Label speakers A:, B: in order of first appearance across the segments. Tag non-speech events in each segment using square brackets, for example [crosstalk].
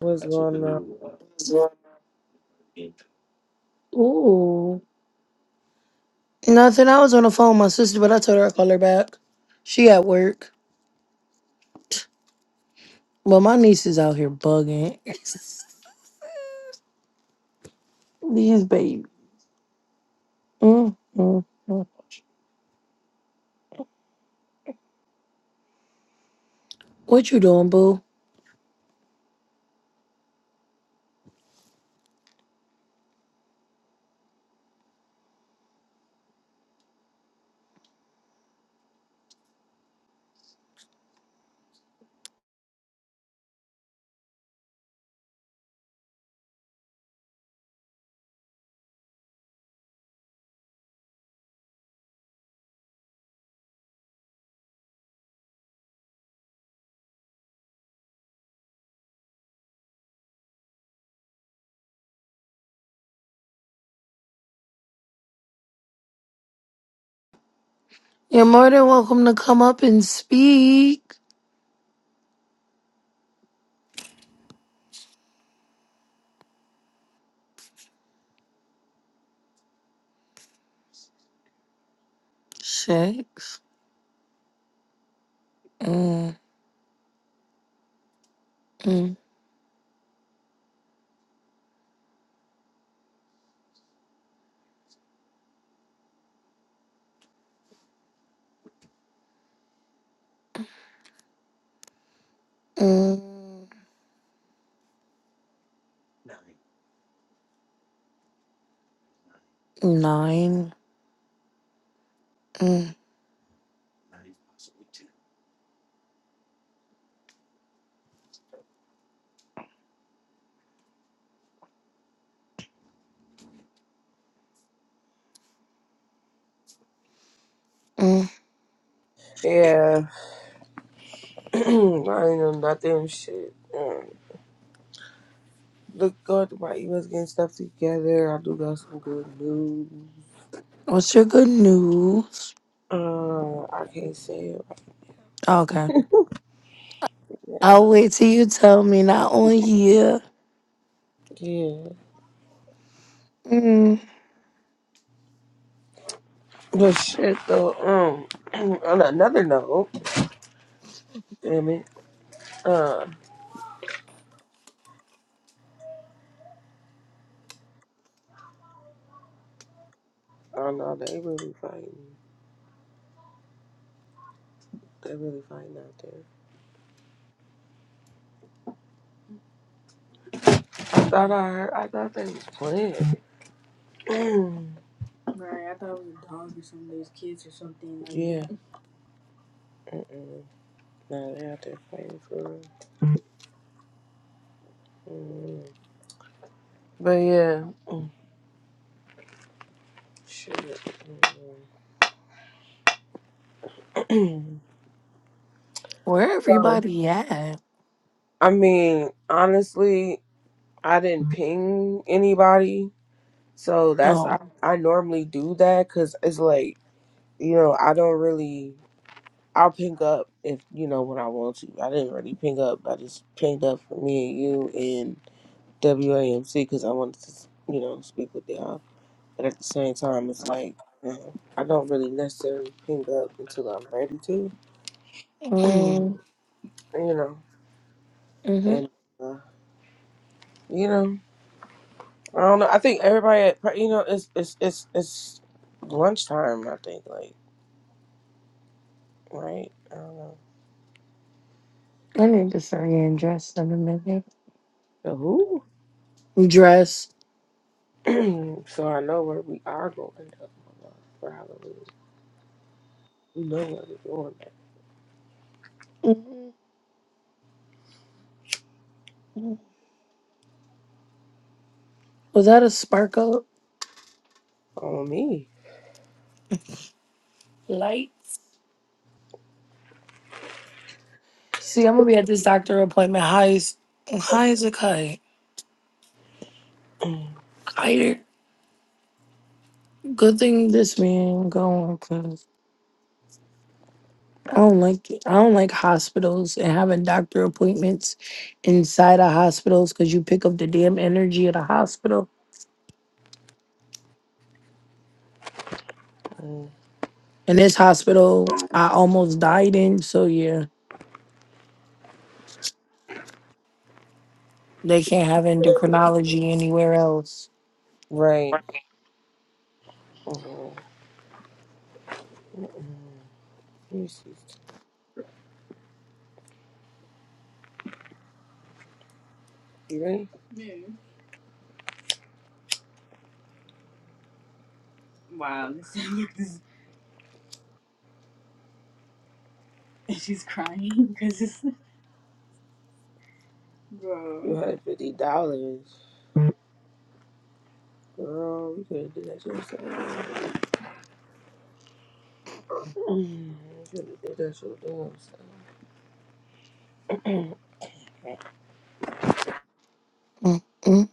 A: What's going on?
B: Ooh. Nothing. I was on the phone with my sister, but I told her I'd call her back. She at work. But my niece is out here bugging. [laughs] These baby. Mm, mm, mm. What you doing, boo? You're more than welcome to come up and speak. Six. Mm, mm, mm. Nine. Mm, mm.
A: Yeah, [clears throat] I ain't know nothing shit. Uh, Look, going through my emails, getting stuff together. I do got some good news.
B: What's your good news?
A: Uh, I can't say it.
B: Okay. I'll wait till you tell me, not on here.
A: Yeah,
B: Mm.
A: but shit though. Um, [clears throat] on another note, damn it. Uh, oh no, they really fighting. They really fighting out there. I thought I heard. I thought they was playing. [clears throat] yeah. that. Mm-mm. No, they out there fighting for real. Mm. But yeah, shit. Mm.
B: Where
A: [clears throat] so
B: everybody at?
A: I mean, honestly, I didn't ping anybody, so that's I,
B: Oh.
A: I normally do that because it's like you know I don't really I'll ping up if you know when I want to. I didn't really ping up. I just pinged up for me and you and WAMC because I wanted to you know speak with y'all. But at the same time, it's like uh, I don't really necessarily ping up until I'm ready to. [clears throat]
B: Mm,
A: you know,
B: hmm
A: and uh, you know, I don't know. I think everybody, at, you know, it's it's it's it's lunchtime. I think, like, right? I don't
B: I need to start getting dressed in a minute.
A: know. so who?
B: Dress.
A: [clears throat] So I know where we are going though, Mama, for Halloween. You know where we're going. Now.
B: hmm Was that a sparkle
A: On me,
B: light? See, I'm gonna be at this doctor appointment high as high as a kite.
A: [clears throat]
B: Higher. Good thing this man going because I don't like it. I don't like hospitals and having doctor appointments inside of hospitals because you pick up the damn energy of the hospital.
A: Mm.
B: And this hospital I almost died in, so yeah. They can't have endocrinology anywhere else.
A: right? Mm. Mm. Let me see. You ready? You had fifty dollars, girl. You could have did that shit. yourself. [clears throat] Mm. You could have did that shit. yourself. [clears throat]
B: Mm-mm.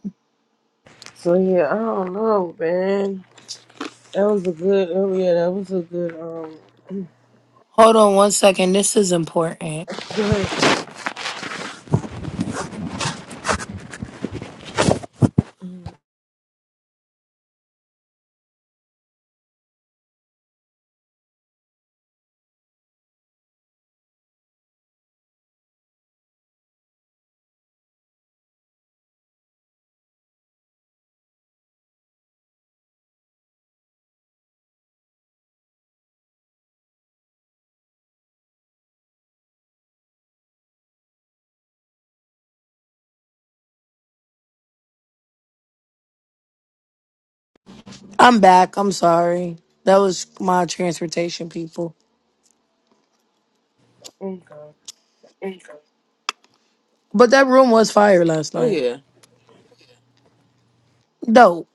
A: So yeah, I don't know, man. That was a good. Oh yeah, that was a good. Um,
B: Hold on one second. This is important.
A: good. mm,
B: I'm back. I'm sorry. That was my transportation people.
A: Okay.
B: But that room was fire last
A: Oh
B: night.
A: yeah.
B: Dope.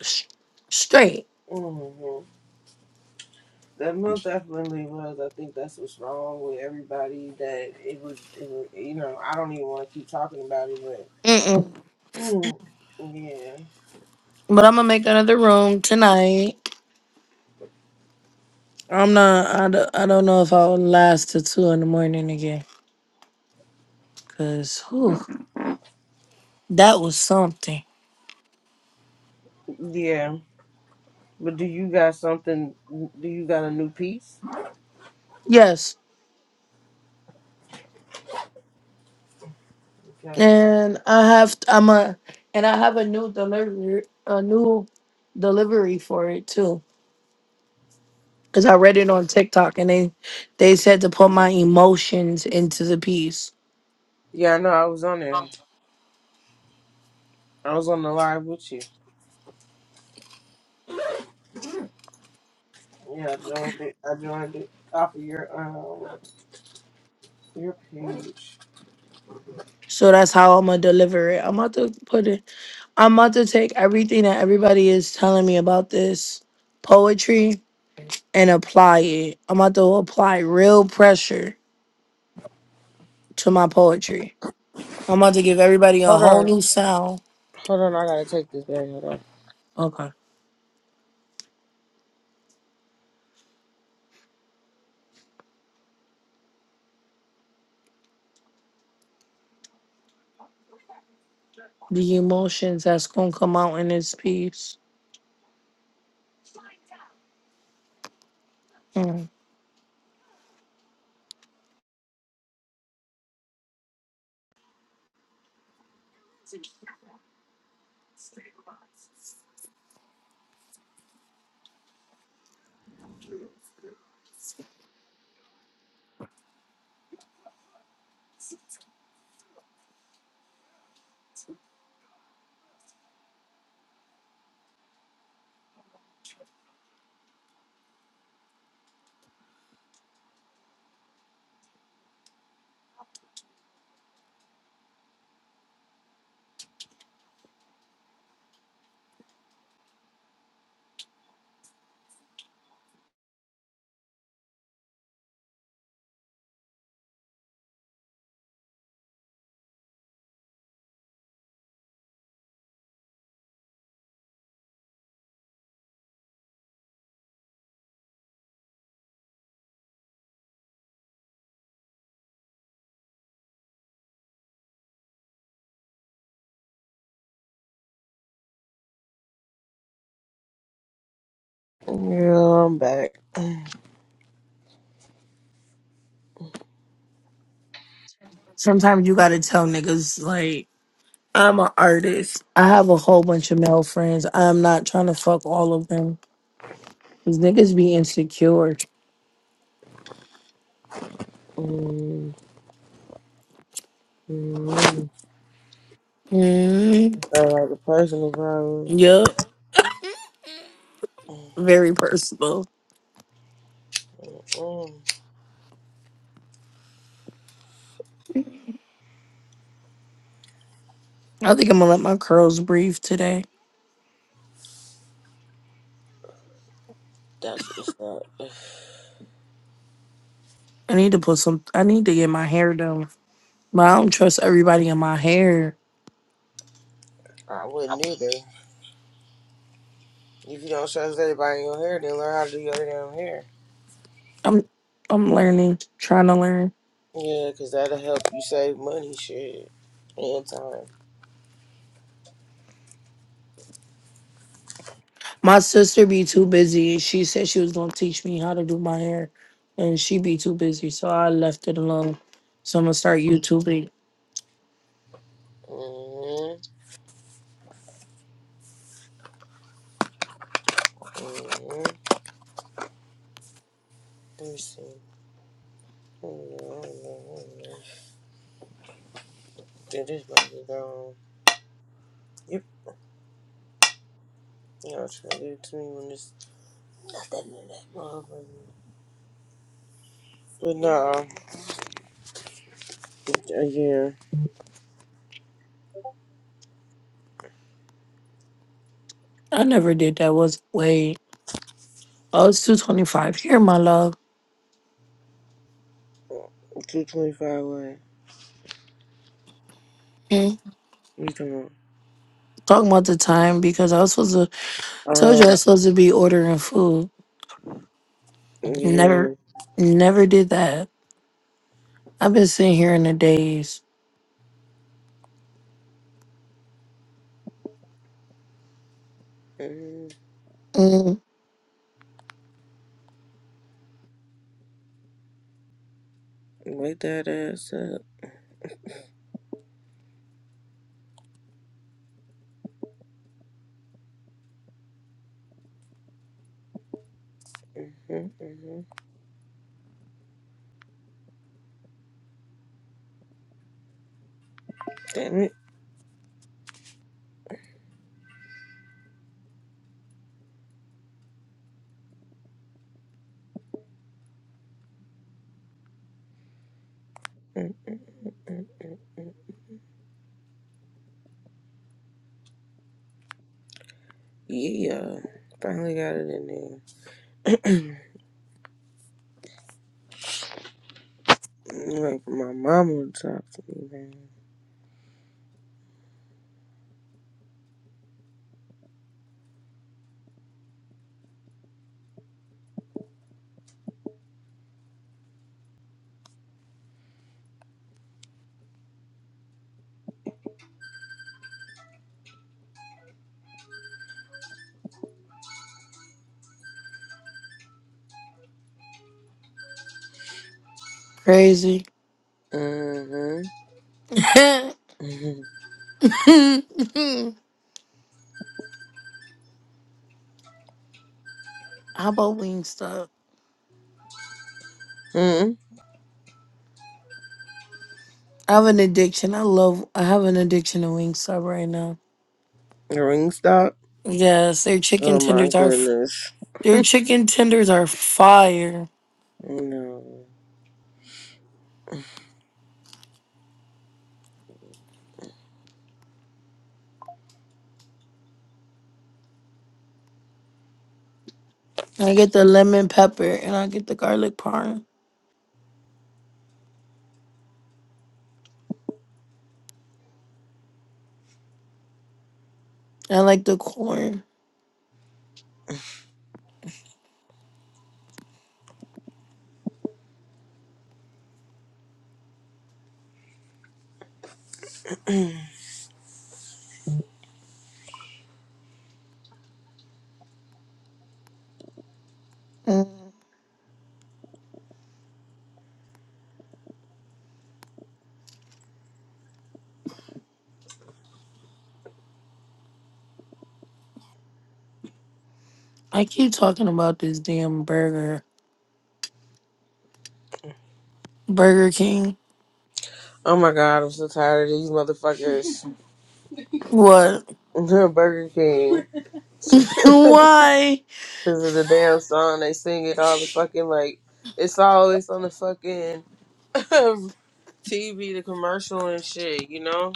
B: Sh- straight.
A: hmm That most definitely was. I think that's what's wrong with everybody. That it was. It was you know, I don't even want to keep talking about it, but
B: Mm-mm.
A: mm, yeah,
B: But I'm going to make another room tonight. I'm not, I, d- I don't know if I'll last till 2 in the morning again. Because, that was something.
A: yeah. But do you got something? Do you got a new piece?
B: Yes.
A: Okay.
B: and I have I'm a and I have a new delivery a new delivery for it too because I read it on TikTok and they they said to put my emotions into the piece.
A: Yeah, I know. I was on there. I was on the live with you. Yeah, I
B: Okay.
A: joined it. I joined it off of your um. Your page.
B: So that's how I'm gonna deliver it. I'm about to put it. I'm about to take everything that everybody is telling me about this poetry and apply it. I'm about to apply real pressure to my poetry. I'm about to give everybody a
A: Hold
B: whole
A: on.
B: new sound.
A: Hold on. I gotta take this back. Hold
B: Okay. the emotions that's gonna come out in this piece. Mm.
A: on. Yeah, I'm back.
B: Sometimes you gotta tell niggas like I'm an artist. I have a whole bunch of male friends. I'm not trying to fuck all of them. Cause niggas be insecure.
A: Mm, mm.
B: Mm,
A: Sound like a personal problem.
B: Yup.
A: Mm,
B: Very personal.
A: mm, mm.
B: I think I'm gonna let my curls breathe today.
A: That's what's up.
B: I need to put some. I need to get my hair done. But I don't trust everybody in my hair.
A: I wouldn't either. If you don't trust everybody in your hair, then learn how to do your damn hair.
B: I'm I'm learning, trying to learn.
A: Yeah, because that'll help you save money, shit, and time.
B: My sister be too busy. She said she was gonna teach me how to do my hair, and she be too busy, so I left it alone. So I'm gonna start YouTubing.
A: Mm-hmm. Mm-hmm. Let me see. Did this might be gone. You know, trying to give it to me when it's not that many that motherfucker. But nah, again,
B: I never did that. Was wait, oh, it's two twenty five here, my love.
A: two twenty five. What
B: Mm.
A: you talking
B: Talking about the time because I was supposed to told you
A: about?
B: I
A: Uh,
B: was supposed to be ordering food. Never,
A: yeah.
B: never did that. I've been sitting here in the days.
A: Mm-hmm.
B: Mm,
A: Wake that ass up. Mm-hmm, mm-hmm. Damn it. Mm-hmm. mm-hmm. Yeah. Finally got it in there. [clears throat] like my mama would talk to me, man.
B: crazy.
A: Mm-hmm.
B: [laughs] how
A: [laughs]
B: about Wingstop?
A: Mm-hmm. mm
B: I have an addiction. I love. I have an addiction to Wingstop right now.
A: Ring stop.
B: Yes, their
A: Oh
B: chicken
A: my
B: tenders are. f-
A: goodness.
B: Their chicken tenders are fire.
A: No.
B: I get the lemon pepper and I get the garlic parm. I like the corn. Mm. I keep talking about this damn burger. Burger King.
A: Oh my god, I'm so tired of these motherfuckers.
B: What?
A: [laughs] Burger King.
B: [laughs]
A: [laughs]
B: Why?
A: Because of the damn song, they sing it all the fucking like. It's always on the fucking [laughs] TV, the commercial and shit, you know?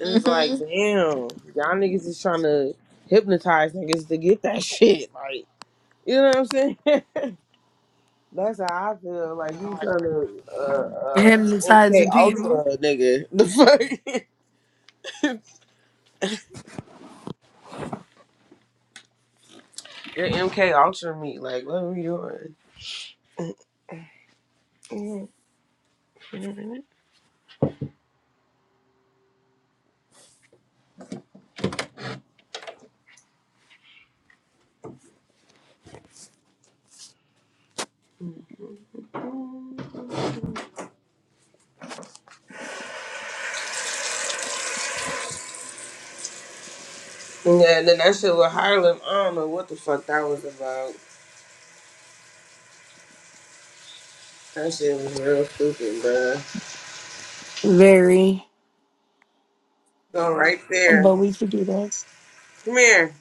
A: And it's like,
B: Mm-hmm.
A: damn, y'all niggas is trying to hypnotize niggas to get that [laughs] shit. Like, you know what I'm saying? [laughs] That's how I feel. Like, you trying to uh, uh, MK
B: Hypnotizing people.
A: Ultra, nigga. [laughs] The fuck? [laughs] Your MK Ultra me, like, what are we doing? Yeah, and then that shit with Harlem, I don't know what the fuck that was about. That shit was real stupid, bruh.
B: Very.
A: Go right there.
B: But we should do that.
A: Come here.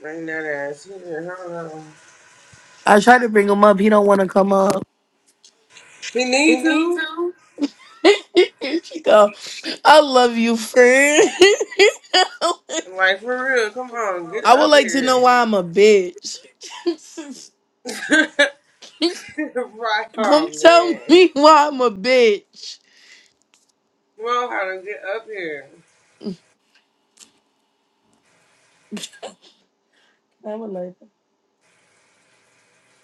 A: Bring that ass here. Hold on.
B: I try to bring him up. He don't want to come up.
A: He need to.
B: [laughs] she go, I love you, friend. [laughs]
A: Like, for real, come on, get
B: I would
A: up
B: like to know
A: here.
B: why I'm a bitch. [laughs]
A: [laughs] right, oh
B: Come tell
A: man.
B: me why I'm a bitch.
A: Come on, Harlem, get up here.
B: I would like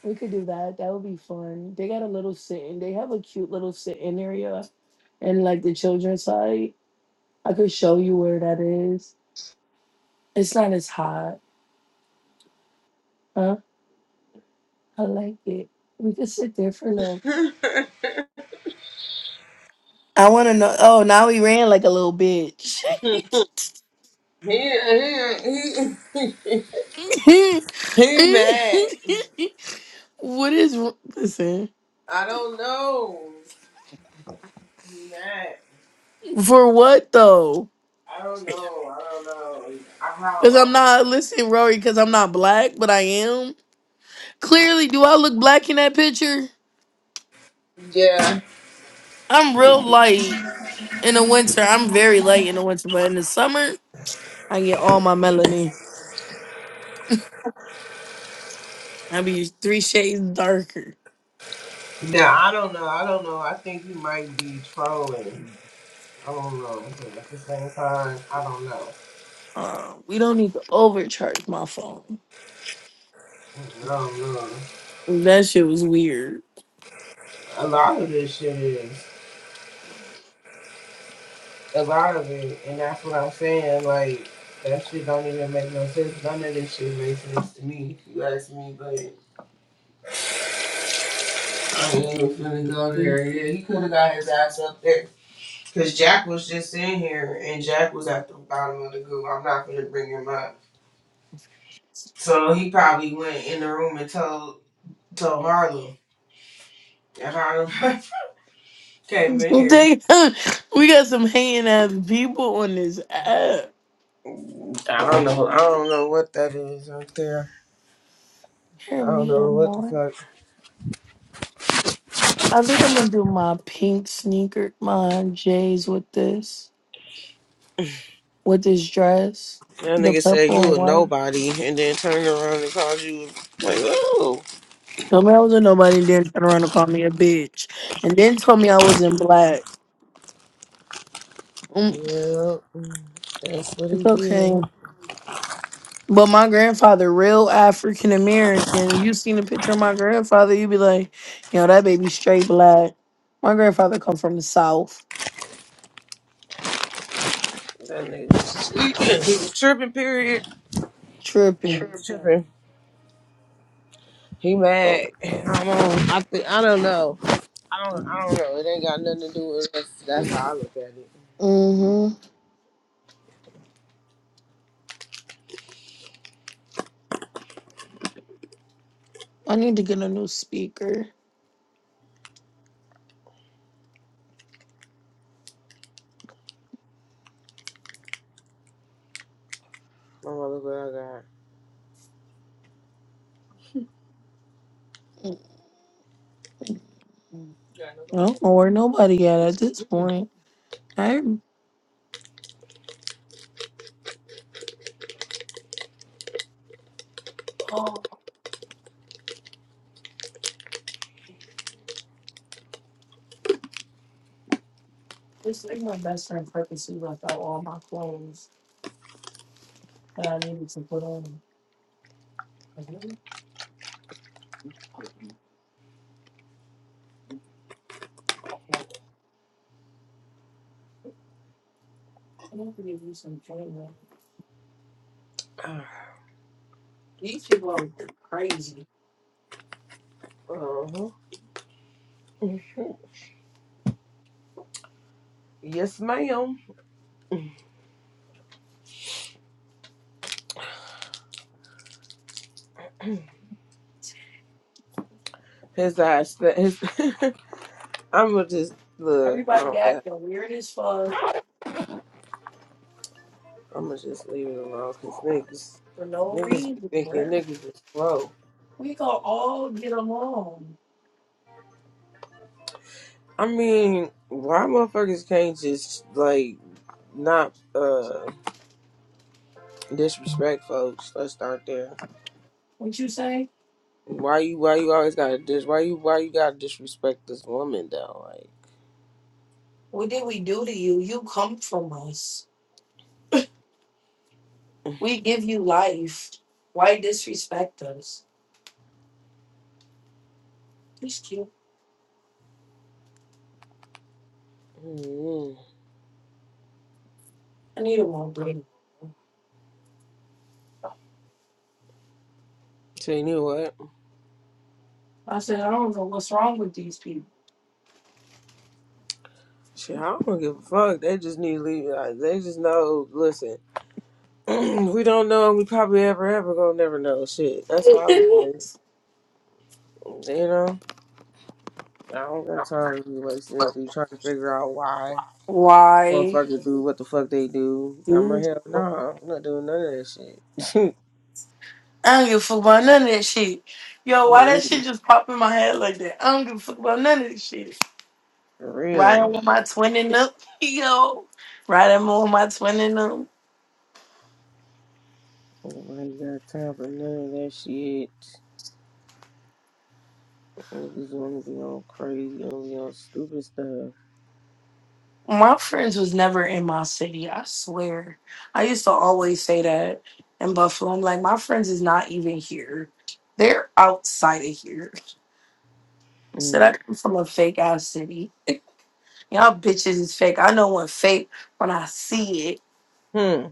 B: we could do that. That would be fun. They got a little sit-in. They have a cute little sit-in area and like the children's side. I could show you where that is. It's not as hot. Huh? I like it. We could sit there for a little.
A: [laughs]
B: I wanna know oh now we ran like a little bitch. [laughs]
A: he, he, he,
B: [laughs]
A: [laughs] he mad.
B: what is listen
A: I don't know. Matt.
B: for what though?
A: I don't know. I don't know. I
B: Because
A: how
B: I'm
A: I
B: not listen, Rory. Because I'm not black, but I am. Clearly, do I look black in that picture?
A: Yeah.
B: I'm real light in the winter. I'm very light in the winter, but in the summer, I get all my melanin. I be three shades darker.
A: No, I don't know. I don't know. I think you might be trolling. I don't know. But at the same time, I don't know.
B: Uh, we don't need to overcharge my phone.
A: I don't know.
B: That shit was weird.
A: A lot of this shit is a lot of it, and that's what I'm saying. Like that shit don't even make no sense. None of this shit makes sense to me. If you ask me, but I ain't even finna go
B: [laughs]
A: there. Yeah, he could have got his ass up there. Cause Jack was just in here, and Jack was at the bottom of the group. I'm not gonna bring him up. So he probably went in the room and told told Harlem. And Harlem [laughs] came in here.
B: They- we got some hating ass people on this app.
A: I don't know. I don't know what that is up there.
B: Hear
A: I don't
B: me no
A: know what the
B: more.
A: fuck.
B: I think I'm gonna do my pink sneaker, my J's with this, with this dress,
A: That
B: the
A: nigga said
B: purple and
A: you a
B: white.
A: nobody, and then turned around and called you like, oh,
B: Told me I was a nobody, and then turned around and called me a bitch, and then told me I was in black. Mm,
A: yeah. That's what
B: it's
A: he
B: okay.
A: did.
B: But my grandfather, real African American. If you seen a picture of my grandfather, you'd be like, you know, that baby straight black. My grandfather come from the south.
A: That nigga was tweaking. He was tripping. Period. He
B: Tripping.
A: was tripping. He mad. I don't. I think. I don't know. I don't, I don't know. It ain't got nothing to do with us. That's how I look at it.
B: Mm-hmm. I need to get a new speaker.
A: My mother, what
B: I don't know where nobody at at this
A: I
B: point. I oh, it's like my best friend purposely left out all my clothes that I needed to put on. Like, really? I need not give you some training.
A: got.
B: These people are crazy.
A: Uh-huh. Yes, ma'am. His eyes. sta- His. [laughs] I'm gonna just look.
B: Everybody acting weird as fuck
A: I'm gonna just leave it alone, cause niggas,
B: for no
A: niggas be
B: reason,
A: thinking
B: bro.
A: niggas is slow.
B: We gonna all get along.
A: I mean, why motherfuckers can't just like not uh disrespect folks? Let's start there.
B: What you say?
A: Why you? Why you always gotta dis? Why you? Why you gotta disrespect this woman though? Like.
B: What did we do to you? You come from us. We give you life. Why disrespect us? He's cute.
A: Mm-hmm.
B: I need a more break.
A: So you know what?
B: I said, I don't know what's wrong with these people.
A: Shit, I don't give a fuck. They just need to leave. Like, they just know. Listen, [clears throat] we don't know. We probably ever ever gonna never know. Shit, that's how I look at it. You know, I don't got time to be wasting it, Be trying to figure out why
B: Why?
A: motherfuckers do what the fuck they do. I'm like,
B: do-
A: hell no, I'm not doing none of that shit.
B: I don't give a fuck about none of that shit.
A: [laughs]
B: Yo, why
A: On
B: that shit
A: me,
B: just pop in my head like that? I don't give a fuck about none of this shit.
A: for real.
B: Riding with my twin and them, [laughs] yo. Riding with my twin and them.
A: Nobody got time for none of that shit. Niggas wanna be on crazy, wanna be on stupid stuff.
B: My friends was never in my city, I swear. I used to always say that in Buffalo. I'm like, my friends is not even here. They're outside of here. [laughs] Said I
A: Mm.
B: come from a fake ass city. Y'all bitches is fake. I know when fake when I see it.
A: hmm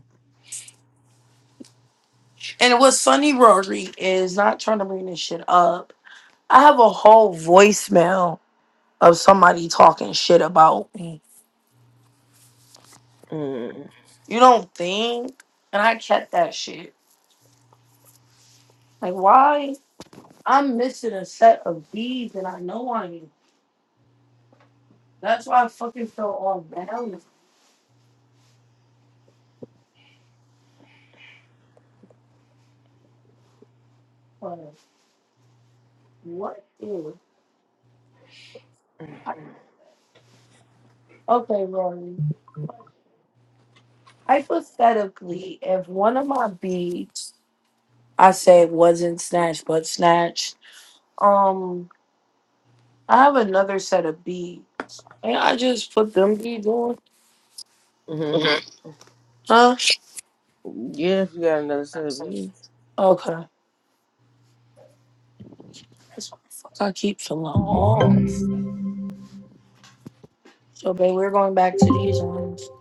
B: And what Sunny Rory is not trying to bring this shit up. I have a whole voicemail of somebody talking shit about me.
A: Mm-hmm.
B: You don't think? And I kept that shit. Like why? I'm missing a set of beads and I know I am. That's why I fucking feel all balanced. But what is Okay, Rory. Hypothetically, if one of my beads I said wasn't snatched, but snatched. Um, I have another set of beads. Can I just put them beads on? Huh?
A: Yeah, if you got another set of beads.
B: Okay. This fuck I keep falling off. So, babe, we're going back to these ones.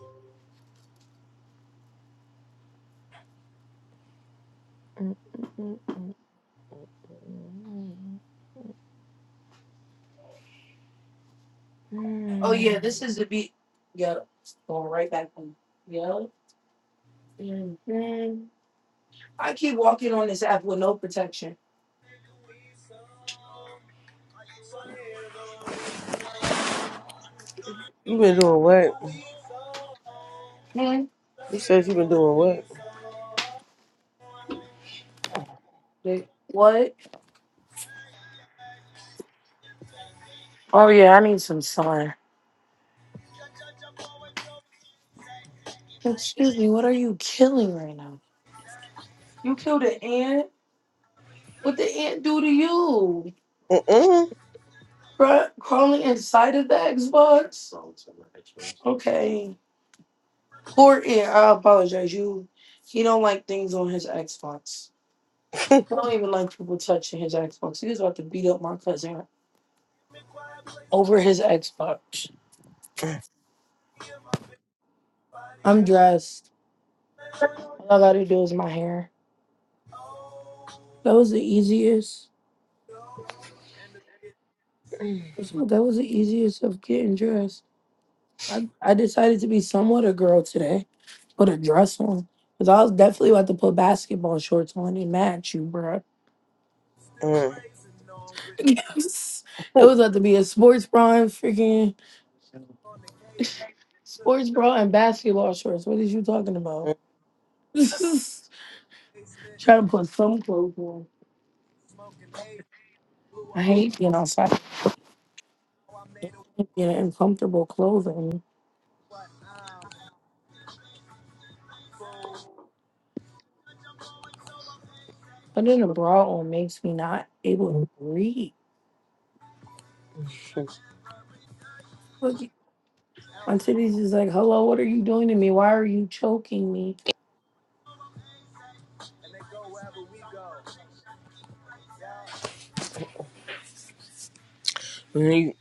B: Oh yeah,
A: Mm.
B: this is the beat. Yep. Going right back on. Yep. hmm I keep walking on this app with no protection.
A: You been doing what?
B: Mhm.
A: You said you been doing
B: Wait, What? Oh yeah, I need some sun. Excuse me. What are you killing right now? You killed an ant. What the ant do to you?
A: what? Mm-mm.
B: Cra- crawling inside of the Xbox? Okay. Poor ant. I apologize. You. He don't like things on his Xbox. I don't even like people touching his Xbox. He was about to beat up my cousin over his Xbox. I'm dressed. All I gotta do is my hair. That was the easiest. That was the easiest of getting dressed. I, I decided to be somewhat a girl today. Put a dress on. Because I was definitely about to put basketball shorts on and match you, bro. [laughs]
A: Mm.
B: Yes, it
A: Ooh.
B: was about to be a sports bra and freaking sports bra and basketball shorts. What is you talking about? [laughs] Trying to put some clothes on. I hate being outside getting in comfortable clothing. Putting a bra on makes me not able to breathe. Look, My titties is like, hello, what are you doing to me? Why are you choking me?
A: Let me,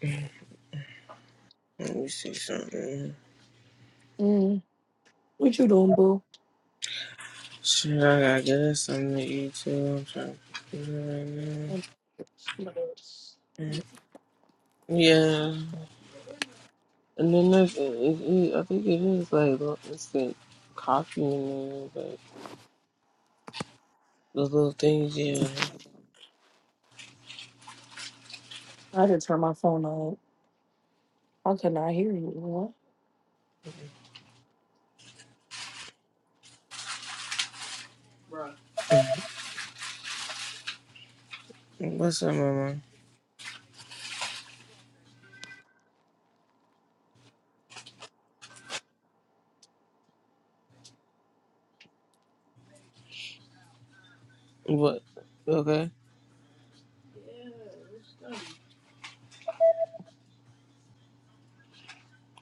A: let me see something.
B: Mm. What you doing, boo?
A: Shit, I gotta get us something to eat too. I'm trying to get it right now.
B: I
A: Mm-hmm. Yeah. And then there's, it, it, I think it is like, look, it's the coffee in there, but the little things, yeah.
B: just turn my phone on. I could not hear you. What?
A: What's up, mama? What? You Okay.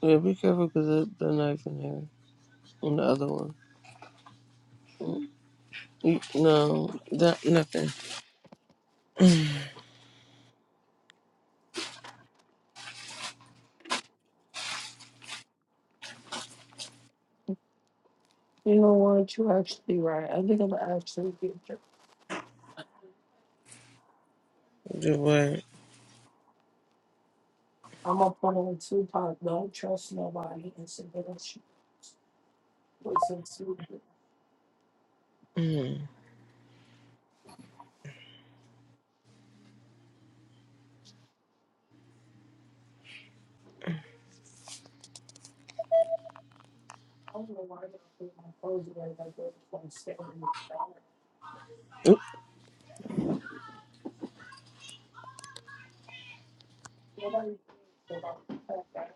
A: Yeah, be careful because the the knife in here. and the other one. Mm, mm, No, that nothing.
B: You know what? You actually right. I think I'm actually get
A: Do what?
B: I'm up on a Tupac. Don't trust nobody. And say that that shit was stupid. I
A: Mm.
B: don't know why I got put my phone away like that. Like standing with the dog.
A: Mm,
B: Nobody thinks about the fact that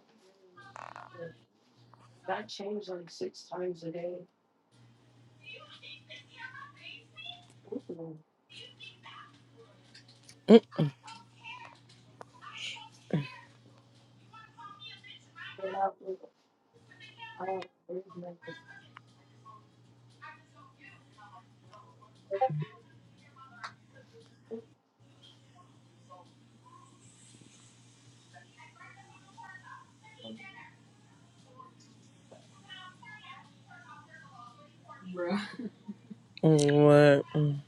B: I change like six times a day. Ooh.
A: mm,
B: But I, I, I,
A: mm, What? Mm.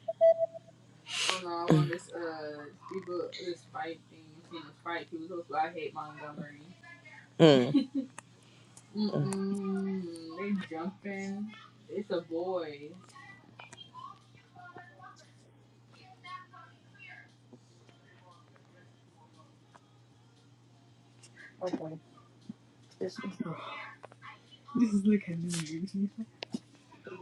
A: mm.
B: okay. This That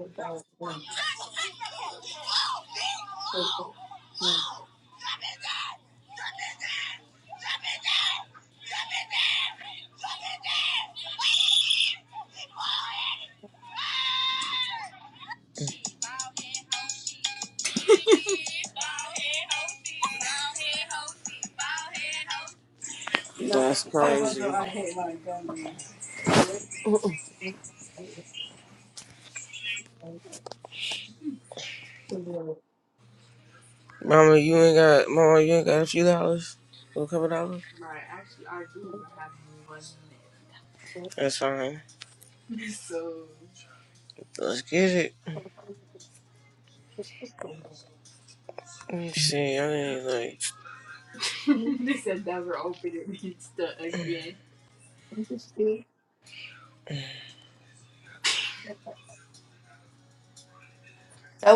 A: That's crazy. Mama, you ain't got mama, you ain't got a few dollars? A couple dollars? That's fine. Let's get it. Let me see, I need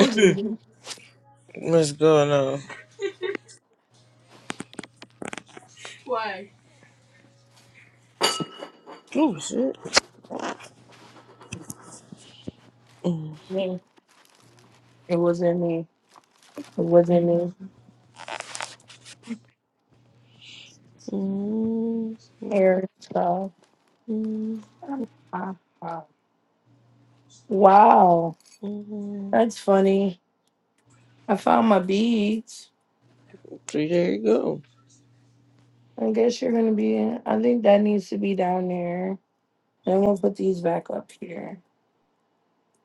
B: was
A: like
B: me.
A: [coughs] [clears throat] let's go now. Oh shit. Mm.
B: Me. It wasn't me. It wasn't me.
A: Mm, mm,
B: Hairstyle.
A: mm, mm,
B: Wow.
A: mm.
B: That's funny. I found my beads.
A: Three there you go.
B: I guess you're gonna be in. I think that needs to be down there. And I'm gonna put these back up here.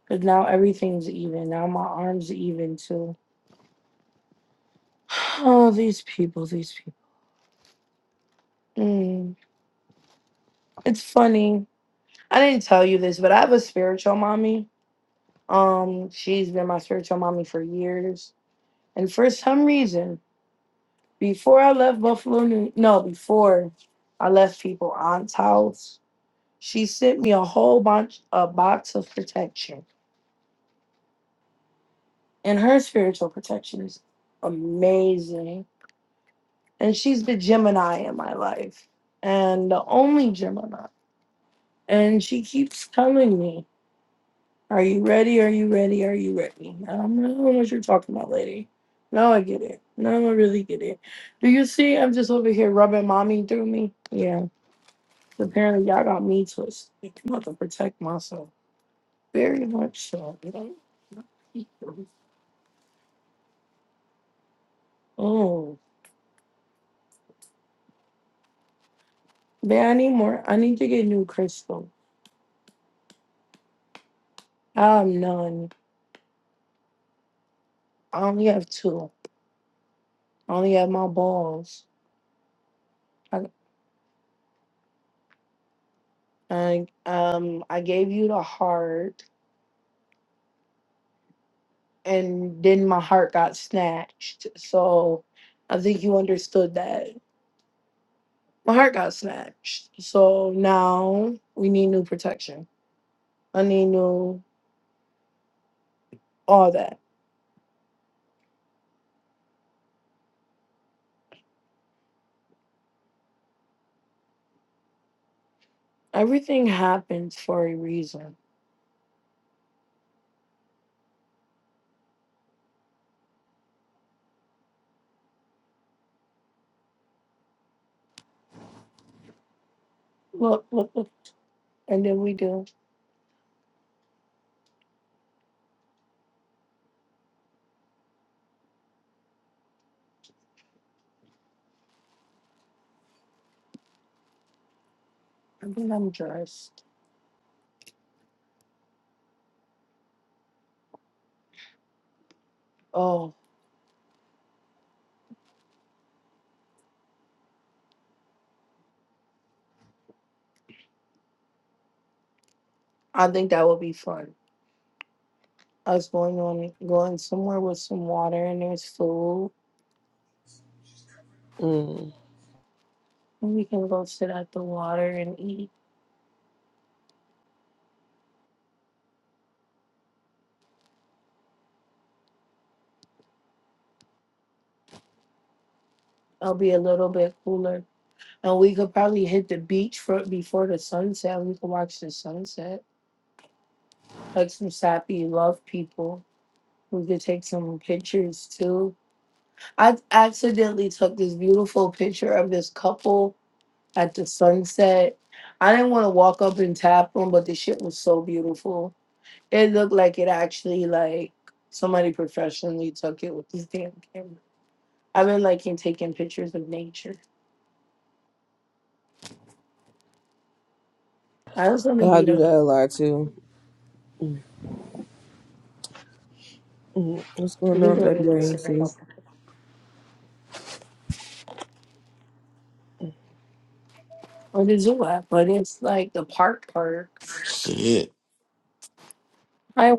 B: Cause now everything's even. Now my arms even too. Oh, these people, these people. Mm. It's funny. I didn't tell you this, but I have a spiritual mommy. Um, she's been my spiritual mommy for years. And for some reason, before I left Buffalo, New- no, before I left people aunt's house, she sent me a whole bunch, a box of protection. And her spiritual protection is amazing. And she's the Gemini in my life, and the only Gemini. And she keeps telling me. Are you ready? Are you ready? Are you ready? I don't know what you're talking about, lady. Now I get it. Now I really get it. Do you see? I'm just over here rubbing mommy through me. Yeah. Apparently, y'all got me twisted. I'm about to protect myself. Very much so. You know? Oh, man, I need more. I need to get new crystal. I have none. I only have two. I only have my balls. I, I um I gave you the heart. and then my heart got snatched. So I think you understood that my heart got snatched. So now we need new protection. I need new all that. Everything happens for a reason. Look, look, look. And then we do. I think I'm dressed. Oh, I think that would be fun. Us going on going somewhere with some water and there's food.
A: Mm.
B: And we can go sit at the water and eat. I'll be a little bit cooler And we could probably hit the beach for before the sunset. We could watch the sunset. Like some sappy love people. We could take some pictures too. I accidentally took this beautiful picture of this couple at the sunset. I didn't want to walk up and tap them, but the shit was so beautiful. It looked like it actually like somebody professionally took it with this damn camera. I've been liking taking pictures of nature. I was on the
A: I
B: beat
A: do
B: of
A: that
B: it.
A: a lot too. Mm. What's
B: We
A: going
B: didn't
A: on,
B: do
A: WAMC?
B: anything. Or the zoo app, but it's like the park park.
C: Shit.
B: Hi,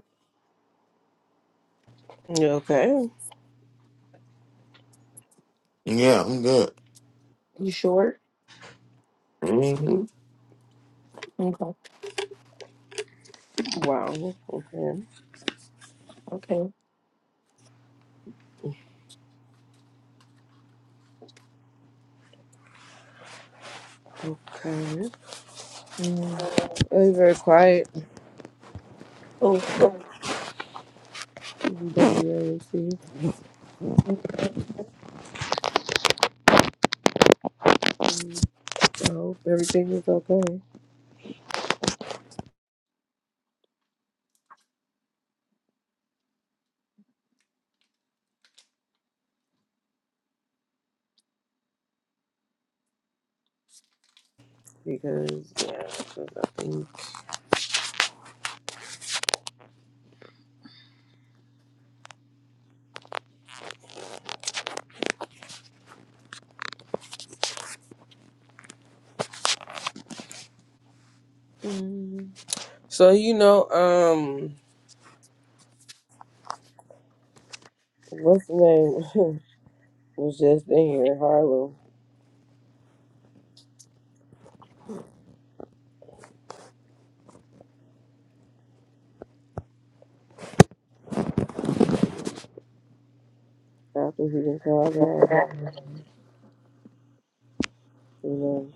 A: Okay.
C: Yeah, I'm good.
B: you short?
C: hmm
B: Okay.
A: Wow. Okay.
B: Okay.
A: Okay.
B: Mm.
A: It's very quiet.
B: Oh,
A: WAMC. I ain't see. I hope everything is okay. Because yeah, because nothing. Mm. So you know, um, what's the name [laughs] was just in here, Harlow. After he been called out, you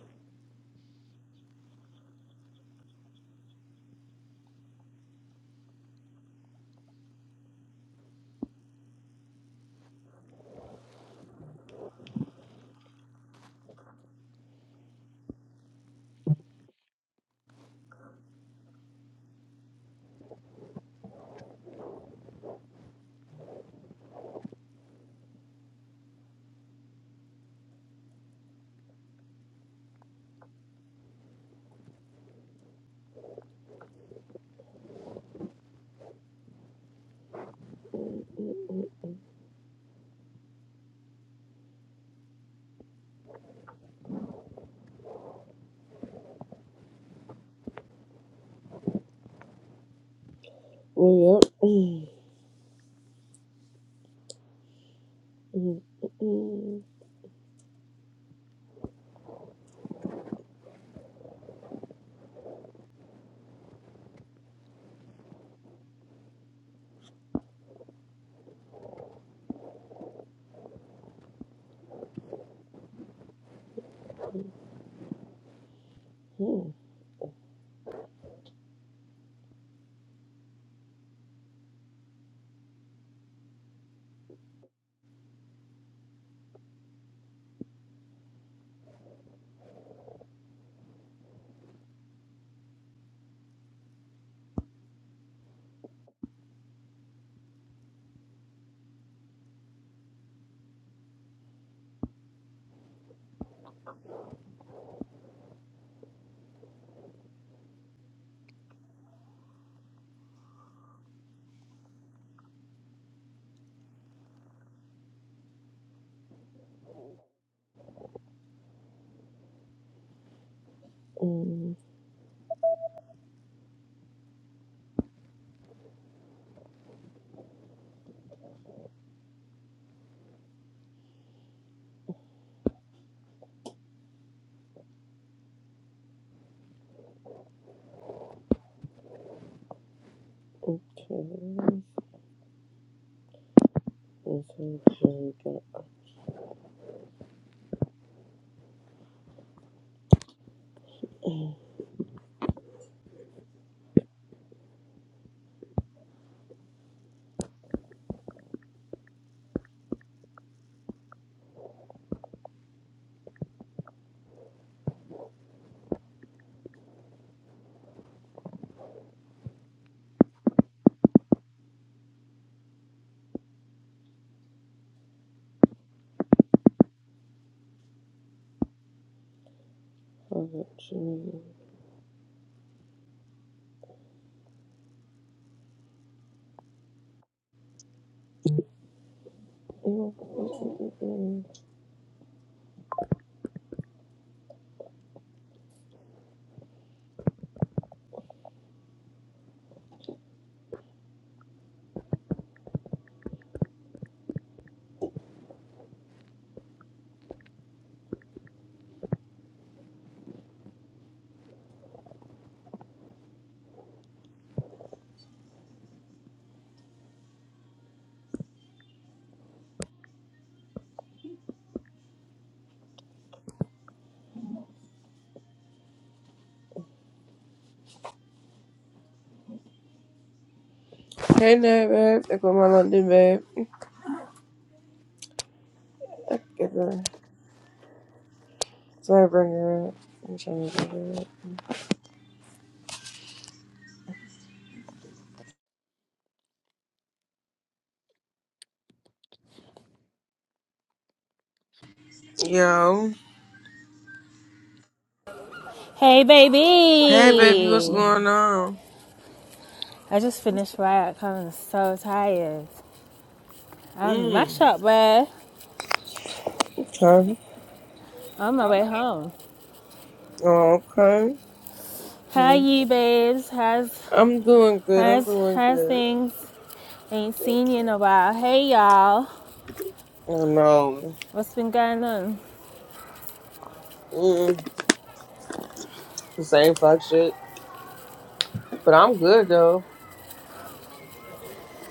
A: know. Well, yep. [clears throat] Okay. This is really good. Hold Hey there, babe. Look what my London, babe. I get her. Sorry, bring her up. I'm trying to get her up. Yo.
D: Hey,
A: Hey, baby, what's
D: baby!
A: going on?
D: I just finished work. I'm so tired. I'm mash
A: Mm.
D: up, bruh.
A: Okay.
D: On my way home.
A: Oh, okay.
D: How are
A: Mm.
D: you, babes? How's
A: I'm doing good. I'm
D: how's
A: doing
D: how's
A: good.
D: things? Ain't seen you in a while. Hey, y'all.
A: Oh, no.
D: What's been going on?
A: Mm. The same fuck shit. But I'm good, though.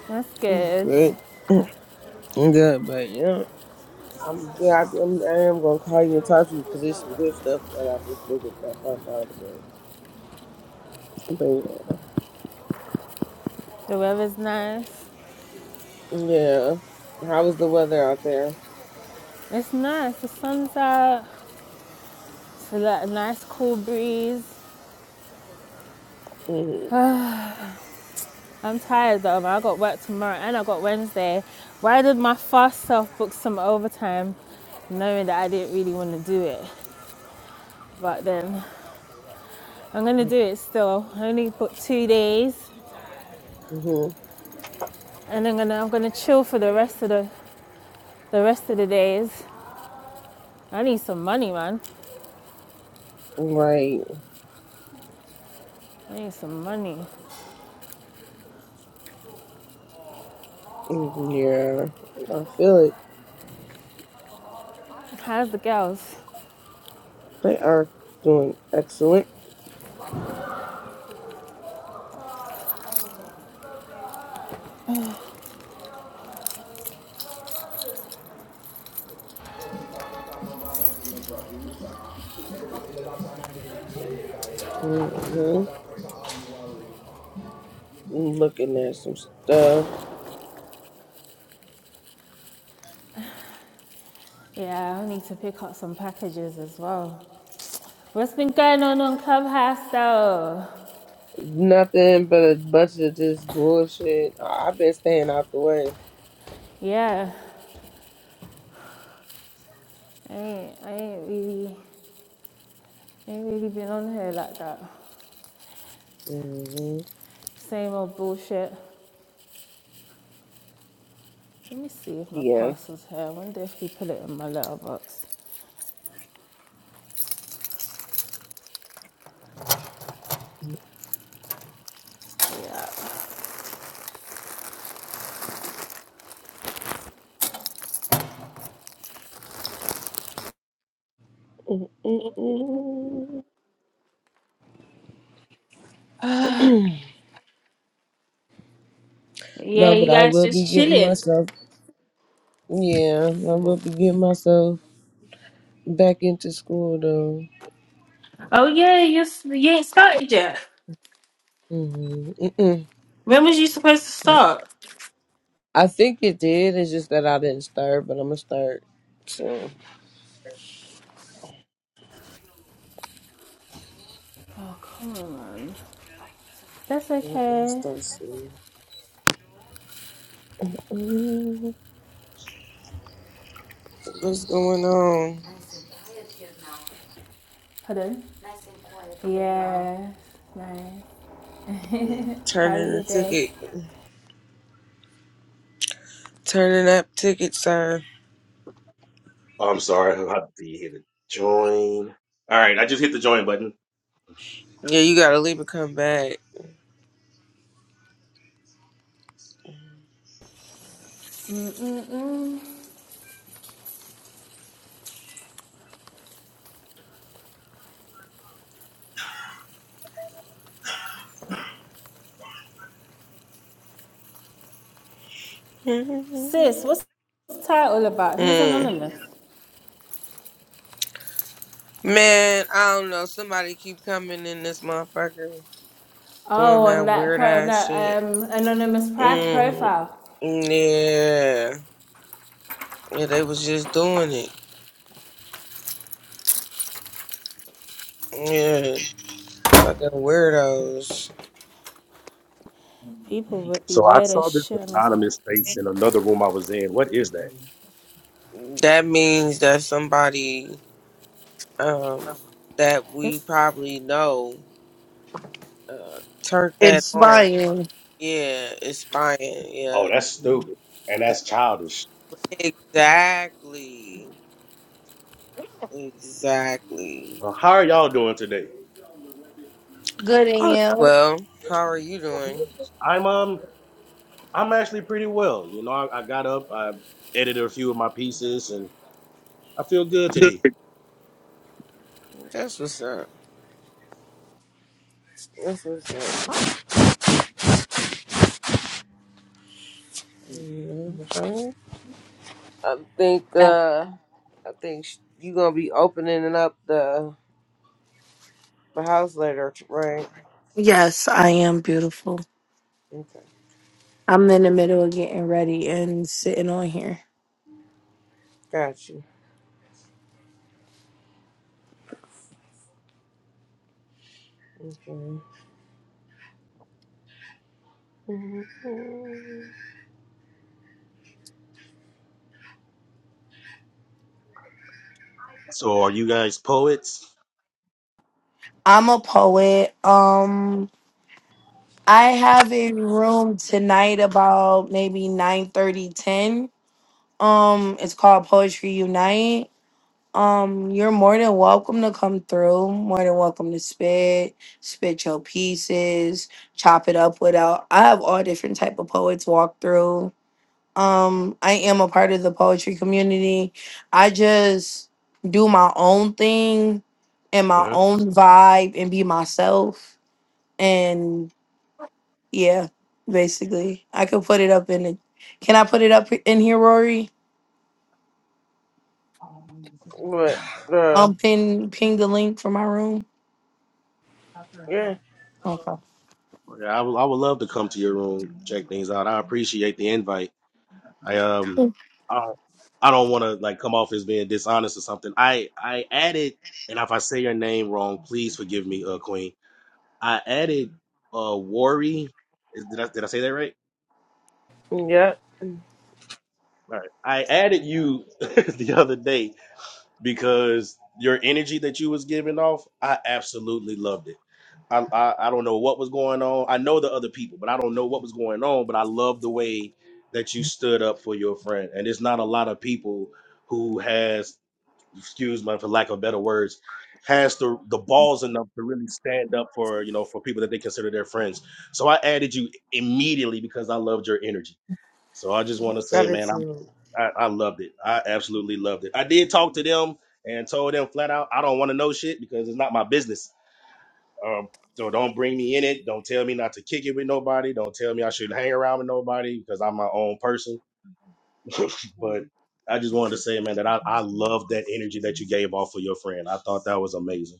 D: That's
A: I'm
D: good.
A: good. I'm good, but yeah. I'm yeah, I, I'm, I am gonna call you and talk to you because there's some good stuff that I just figured that I found out about. But
D: The weather's nice.
A: yeah, yeah. How was the weather out there?
D: It's nice. The sun's out. It's a nice cool breeze.
A: Mm-hmm.
D: I'm tired though, man. I got work tomorrow and I got Wednesday. Why did my fast self book some overtime knowing that I didn't really want to do it? But then I'm gonna do it still. I only booked two days
A: hmm
D: and I'm gonna I'm gonna chill for the rest of the the rest of the days. I need some money, man.
A: Right.
D: I need some money.
A: Mm-hmm. Yeah, I feel it.
D: How's the girls?
A: They are doing excellent. Mm-hmm. Looking at some stuff.
D: Yeah, I need to pick up some packages as well. What's been going on on Clubhouse though?
A: Nothing but a bunch of this bullshit. I- I've been staying out the way.
D: Yeah, I ain't, I ain't really Ain't really been on here like that.
A: Mm-hmm.
D: Same old bullshit. Let me see if my
A: Yeah.
D: parcel's here. I wonder if he put it in my letterbox.
A: Mm-mm.
D: Yeah,
A: No,
D: you
A: but I
D: guys
A: will be
D: just
A: getting
D: chilling.
A: myself Yeah, I will be getting myself back into school though.
D: Oh yeah, you s- you ain't started yet.
A: hmm Mm-mm.
D: When was you supposed to start?
A: I think it did. It's just that I didn't start, but I'm gonna start soon.
D: Oh, come on, man. That's
A: Yep, I'm gonna
D: okay.
A: thirsty. Mhm. What's going on?
D: Pardon? Yeah, nice. How's
A: Turning the
D: your day?
A: ticket. Turning up ticket sign.
E: Oh, I'm sorry. I have to hit the join. All right, I just hit the join button.
A: Yeah, you gotta leave and come back. Hmm.
D: Sis, what's the title about? Who's anonymous?
A: Man, I don't know. Somebody keep coming in this motherfucker doing
D: Oh, on
A: that
D: that
A: weird
D: pro- on
A: ass
D: that
A: shit.
D: um anonymous pri-
A: Mm-hmm.
D: profile.
A: Yeah. Yeah, they was just doing it. Yeah. Fucking weirdos.
D: People would be weird as shit on this app.
E: Another room I was in. What is that?
A: That means that somebody um that
D: Yep.
A: we probably know uh turned that
B: it's
A: on.
B: fine.
A: Yeah, it's spying. Yeah.
E: Oh, that's stupid. And that's childish.
A: Exactly. Exactly.
E: Uh, How are y'all doing today?
B: Good
A: Oh
B: and
A: well, how are you doing?
E: I'm um I'm actually pretty well. You know, I, I got up, I edited a few of my pieces and I feel good today.
A: That's what's up. That's what's up.
B: you?
A: Mhm. I think uh I think sh- you gonna be opening up the the house later, right?
B: Yes, I am beautiful.
A: Okay,
B: I'm in the middle of getting ready and sitting on here.
A: got you. Okay.
E: So are you guys poets?
B: I'm a poet. Um, I have a room tonight about maybe 9 30 10. Um, it's called Poetry Unite Um, you're more than welcome to come through. More than welcome to spit, spit your pieces, chop it up without. I have all different type of poets walk through. Um, I am a part of the poetry community. I just do my own thing and my
E: Uh-huh.
B: own vibe and be myself. And yeah, basically, I could put it up in. The, can I put it up in here, Rory?
A: But uh,
B: Um, pin ping the link for my room.
A: yeah,
B: Okay.
E: Yeah, I would I would love to come to your room, check things out. I appreciate the invite. I um I don't, I don't want to like come off as being dishonest or something. I I added, and if I say your name wrong, please forgive me, uh, Queen. I added uh Worry. Is- Did I did I say that right?
A: yeah.
E: All right. I added you [laughs] the other day because your energy that you was giving off, I absolutely loved it. I, I I don't know what was going on. I know the other people, but I don't know what was going on. But I love the way that you stood up for your friend, and it's not a lot of people who has excuse my for lack of better words, has the the balls enough to really stand up for you know for people that they consider their friends. So I added you immediately because I loved your energy. So I just want to say, man, I'm
A: Gratitude.
E: I, I loved it. I absolutely loved it. I did talk to them and told them flat out, I don't want to know shit because it's not my business. Um, so don't bring me in it. Don't tell me not to kick it with nobody. Don't tell me I shouldn't hang around with nobody because I'm my own person. But I just wanted to say, man, that I, I love that energy that you gave off for your friend. I thought that was amazing.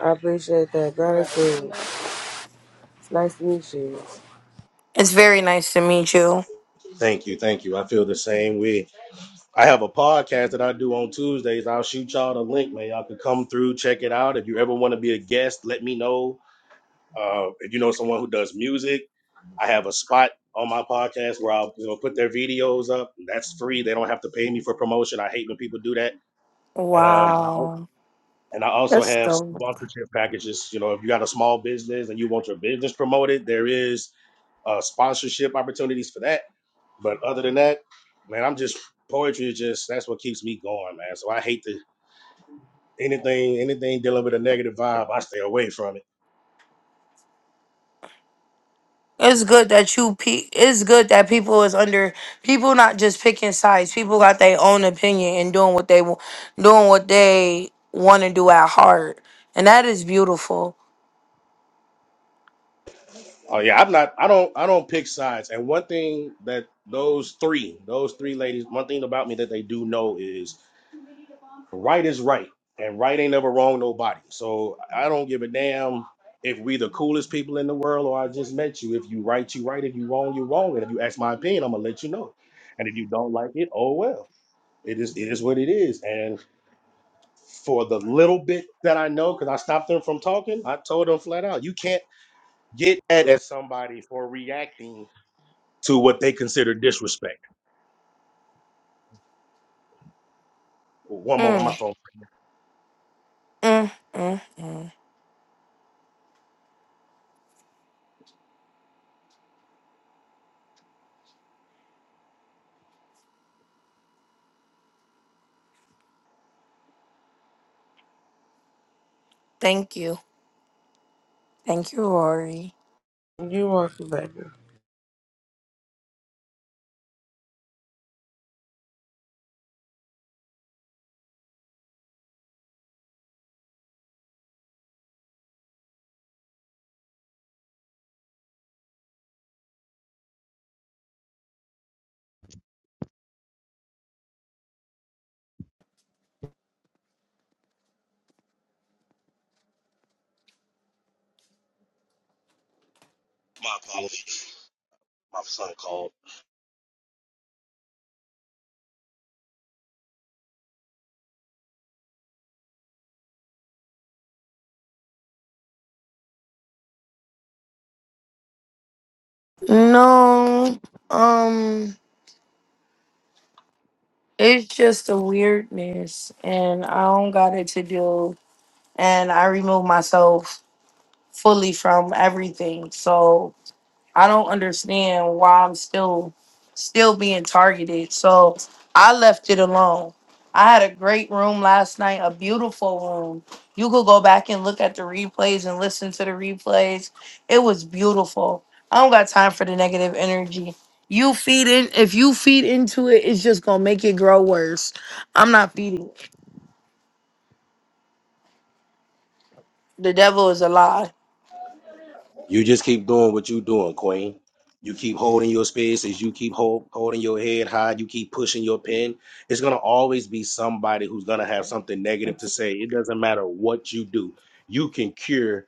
A: I appreciate that. Gratitude. It's nice to meet you.
B: It's very nice to meet you.
E: Thank you. Thank you. I feel the same way. I have a podcast that I do on Tuesdays. I'll shoot y'all the link, man. Y'all can come through, check it out. If you ever want to be a guest, let me know. Uh, if you know someone who does music, I have a spot on my podcast where I'll you know put their videos up. That's free. They don't have to pay me for promotion. I hate when people do that. And um,
B: Wow.
E: And I also
B: That's
E: have
B: dope.
E: sponsorship packages. You know, if you got a small business and you want your business promoted, there is uh, sponsorship opportunities for that. But other than that, man, I'm just poetry is just that's what keeps me going, man. So I hate the anything anything dealing with a negative vibe. I stay away from it.
B: It's good that you pe- it's good that people is under people not just picking sides. People got their own opinion and doing what they wa- doing what they want to do at heart. And that is beautiful.
E: Oh yeah, I'm not. I don't. I don't pick sides. And one thing that those three, those three ladies, one thing about me that they do know is Right is right, and right ain't never wrong nobody. So I don't give a damn if we the coolest people in the world or I just met you. If you right, you right. If you wrong, you wrong. And if you ask my opinion, I'm gonna let you know. And if you don't like it, oh well. It is it is what it is. And for the little bit that I know, because I stopped them from talking, I told them flat out, you can't get mad at somebody for reacting to what they consider disrespect. One moment, my
B: Mm,
E: phone.
B: mm, mm, mm. Thank you. Thank you, Rory.
A: You welcome, baby.
E: My apologies. My son called.
B: No. Um it's just a weirdness and I don't got it to do and I remove myself fully from everything. So I don't understand why I'm still still being targeted. So I left it alone. I had a great room last night, a beautiful room. You could go back and look at the replays and listen to the replays. It was beautiful. I don't got time for the negative energy. You feed in if you feed into it, it's just gonna make it grow worse. I'm not feeding. The devil is a lie.
E: You just keep doing what you doing, Queen. You keep holding your spaces. You keep hold, holding your head high. You keep pushing your pen. It's gonna always be somebody who's gonna have something negative to say. It doesn't matter what you do. You can cure.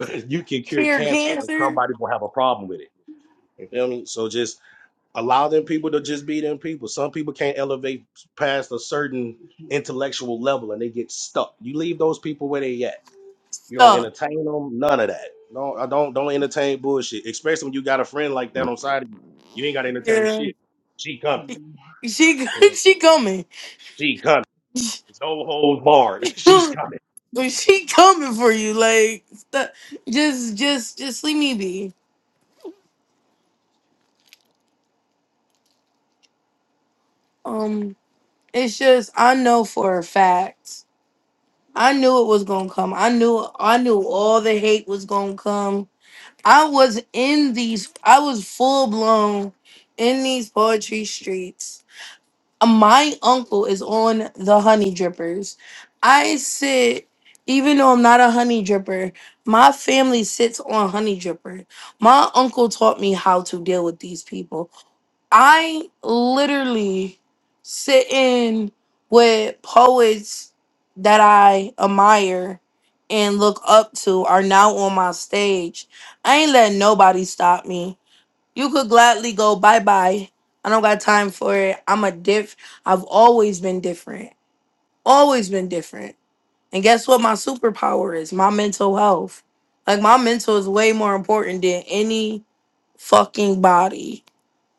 E: [laughs] you can cure
B: Fear
E: cancer, and
B: cancer.
E: somebody will have a problem with it. You feel me? So just allow them people to just be them people. Some people can't elevate past a certain intellectual level, and they get stuck. You leave those people where they at you don't
B: Stop.
E: entertain them. None of that. No, I don't don't entertain bullshit. Especially when you got a friend like that on side of you. You ain't got to entertain shit. She coming.
B: She [laughs]
E: So,
B: she coming.
E: She coming. It's no holds barred. [laughs] She's
B: [laughs]
E: coming.
B: she coming for you. Like st- just just just leave me be. Um it's just I know for a fact. I knew it was gonna come. I knew I knew all the hate was gonna come. I was in these I was full blown in these poetry streets my uncle is on the honey drippers. I sit, even though I'm not a honey dripper, my family sits on honey dripper. My uncle taught me how to deal with these people. I literally sit in with poets that I admire and look up to are now on my stage. I ain't letting nobody stop me. You could gladly go bye bye. I don't got time for it. I'm a diff. I've always been different. Always been different. And guess what? My superpower is my mental health. Like my mental is way more important than any fucking body.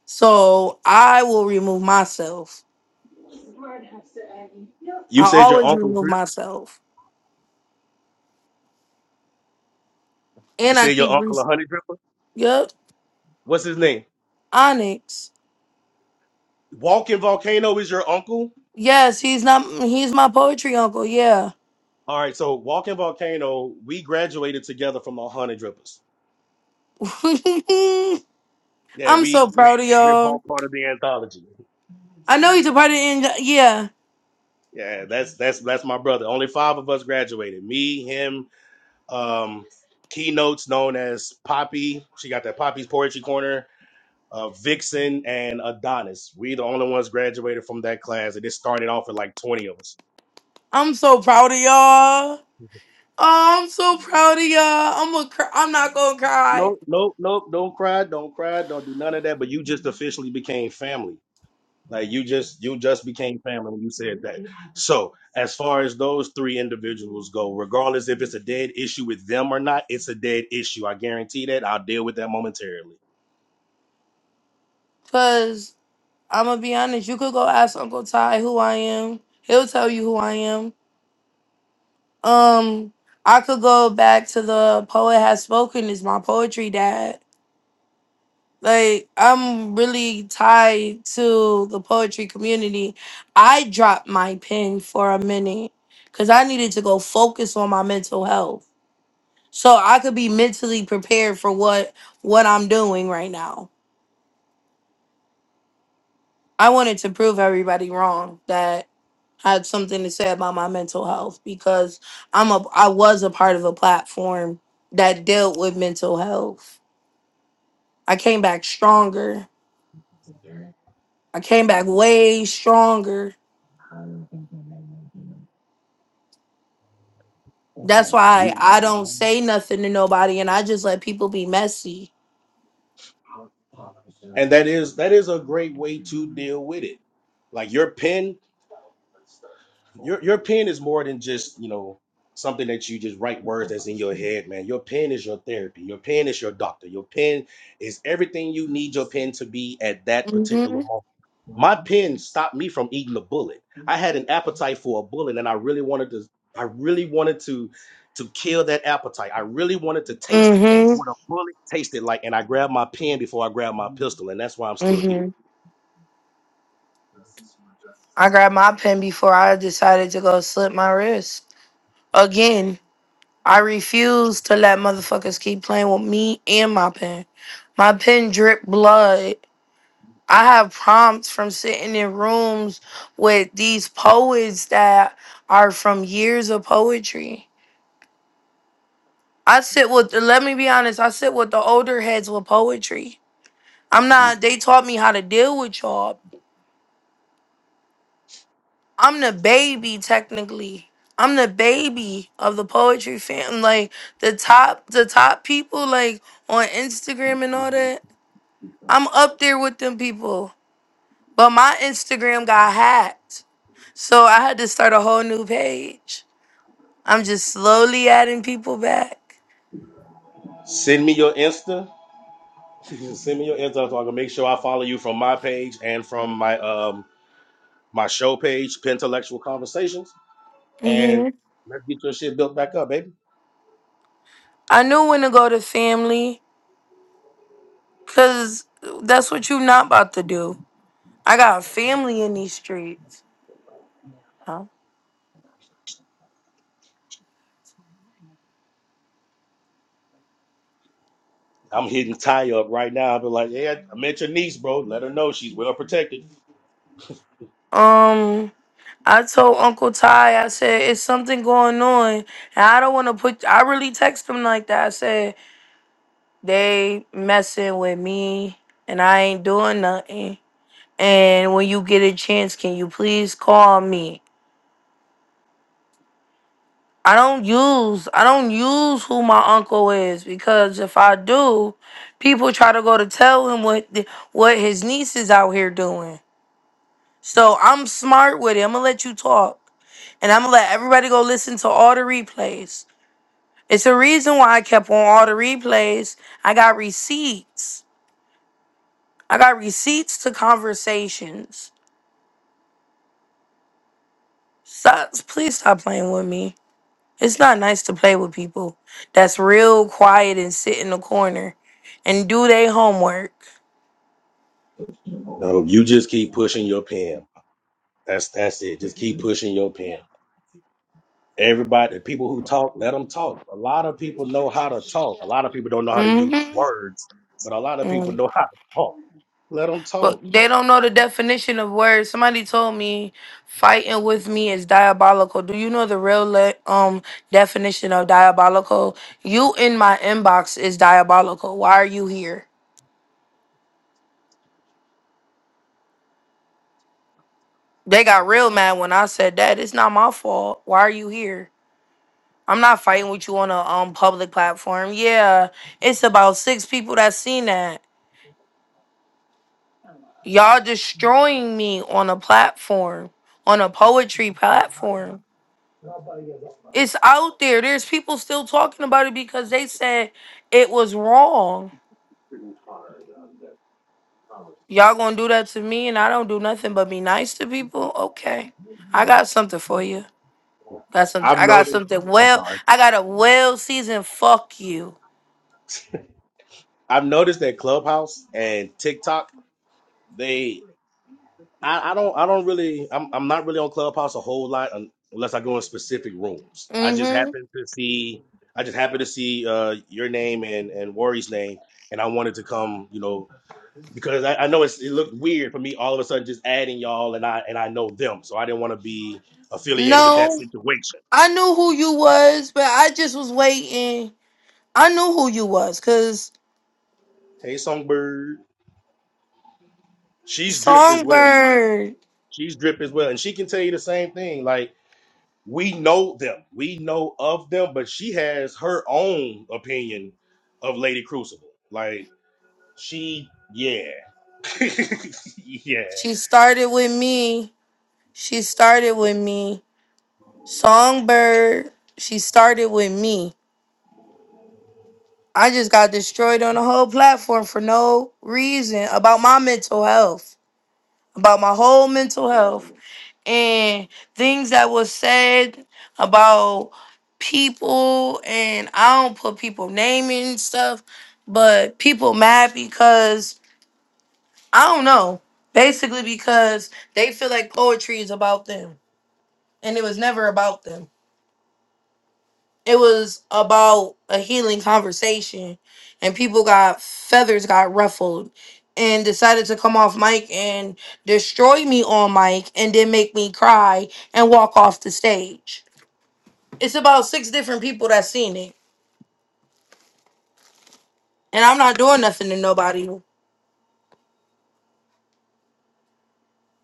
B: So I will remove myself.
E: You
B: I
E: said your
B: always
E: uncle
B: remove
E: drip.
B: myself,
E: You
B: and I
E: said your
B: keep. Re-
E: uncle a honey dripper.
B: yep,
E: What's his name?
B: Onyx.
E: Walking Volcano is your uncle.
B: Yes, he's not. He's my poetry uncle. Yeah.
E: All right. So Walking Volcano, we graduated together from the honey drippers.
B: [laughs]
E: Yeah,
B: I'm so
E: we we
B: proud of
E: we're
B: y'all.
E: both part of the anthology.
B: I know he's a part of the NJ Yeah,
E: Yeah, that's that's that's my brother. Only five of us graduated. Me, him, um, keynotes known as Poppy. She got that Poppy's Poetry Corner, uh, Vixen, and Adonis. We the only ones graduated from that class, and it started off with like twenty of us.
B: I'm so proud of y'all. Oh, I'm so proud of y'all. I'm a cry. I'm not gonna cry,
E: Nope, nope, nope. Don't cry, don't cry, don't do none of that. But you just officially became family. Like you just you just became family when you said that. So as far as those three individuals go, regardless if it's a dead issue with them or not, it's a dead issue. I guarantee that. I'll deal with that momentarily.
B: cause I'm gonna be honest. You could go ask Uncle Ty who I am. He'll tell you who I am. Um, I could go back to the poet has spoken. Is my poetry dad? Like I'm really tied to the poetry community. I dropped my pen for a minute, cause I needed to go focus on my mental health. so I could be mentally prepared for what what I'm doing right now. I wanted to prove everybody wrong that I had something to say about my mental health because I'm a I was a part of a platform that dealt with mental health. I came back stronger. I came back way stronger. That's
E: We
B: why I don't say nothing to nobody and I just let people be messy.
E: and that is that is a great way to deal with it like your pen your your pen is more than just you know something that you just write words that's in your head man your pen is your therapy your pen is your doctor your pen is everything you need your pen to be at that particular
B: Mhm.
E: moment my pen stopped me from eating a bullet i had an appetite for a bullet and i really wanted to i really wanted to to kill that appetite i really wanted to taste
B: Mhm.
E: what a bullet tasted like and i grabbed my pen before i grabbed my pistol and that's why i'm still here
B: Mhm. I grabbed my pen before I decided to go slit my wrist. Again, I refuse to let motherfuckers keep playing with me and my pen. My pen drip blood. I have prompts from sitting in rooms with these poets that are from years of poetry. I sit with, let me be honest, I sit with the older heads with poetry. I'm
E: hmm
B: not, they taught me how to deal with y'all I'm the baby technically. I'm the baby of the poetry fam. Like the top the top people like on Instagram and all that. I'm up there with them people. But my Instagram got hacked. So I had to start a whole new page. I'm just slowly adding people back.
E: Send me your Insta. [laughs] Send me your Insta so I can make sure I follow you from my page and from my um my show page, Pentelectual Conversations. And
B: hmm
E: let's get your shit built back up, baby.
B: I knew when to go to family cuz that's what you not about to do. I got family in these streets. Huh?
E: I'm hitting Ty up right now. I'll be like, yeah, I met your niece, bro. Let her know she's well protected.
B: Um I told Uncle Ty, I said, it's something going on. And I don't want to put, I really text him like that. I said, they messing with me and I ain't doing nothing. And when you get a chance, can you please call me? I don't use, I don't use who my uncle is because if I do, people try to go to tell him what, the, what his niece is out here doing. So I'm smart with it. I'm going to let you talk. And I'm going to let everybody go listen to all the replays. It's a reason why I kept on all the replays. I got receipts. I got receipts to conversations. Stop, please stop playing with me. It's not nice to play with people that's real quiet and sit in the corner and do their homework.
E: No, you just keep pushing your pen. That's that's it. Just keep pushing your pen. Everybody, the people who talk, let them talk. A lot of people know how to talk. A lot of people don't know how to use
B: hmm
E: words, but a lot of people know how to talk. Let them
B: But
E: talk
B: they don't know the definition of words. Somebody told me fighting with me is diabolical. Do you know the real le- um definition of diabolical? You in my inbox is diabolical. Why are you here? They got real mad when I said that. It's not my fault. Why are you here? I'm not fighting with you on a um public platform. Yeah, it's about six people that seen that. Y'all destroying me on a platform, on a poetry platform. It's out there. There's people still talking about it because they said it was wrong. Y'all gonna do that to me and I don't do nothing but be nice to people? Okay. I got something for you. Got some.
E: I've
B: I got
E: noticed.
B: something
E: I'm
B: well
E: sorry.
B: I got a well seasoned fuck you.
E: I've noticed that Clubhouse and TikTok, they I, I don't I don't really I'm I'm not really on Clubhouse a whole lot un, unless I go in specific rooms. I just
B: Mm-hmm.
E: happen to see I just happen to see uh your name and and Worry's name and I wanted to come, you know, because I, I know it's it looked weird for me all of a sudden just adding y'all and I and I know them. So I didn't want to be affiliated with that
B: No.
E: situation.
B: I knew who you was, but I just was waiting. I knew who you was, cause
E: Hey Songbird. She's dripped as well.
B: Songbird.
E: She's drip as well, and she can tell you the same thing. Like we know them, we know of them, but she has her own opinion of Lady Crucible. Like she, yeah, [laughs] yeah.
B: She started with me. She started with me. Songbird, she started with me. I just got destroyed on the whole platform for no reason about my mental health, about my whole mental health, and things that was said about people. And I don't put people name and stuff, but people mad because I don't know. Basically, because they feel like poetry is about them, and it was never about them. it was about a healing conversation and people got feathers got ruffled and decided to come off mic and destroy me on mic and then make me cry and walk off the stage. It's about six different people that seen it. And I'm not doing nothing to nobody.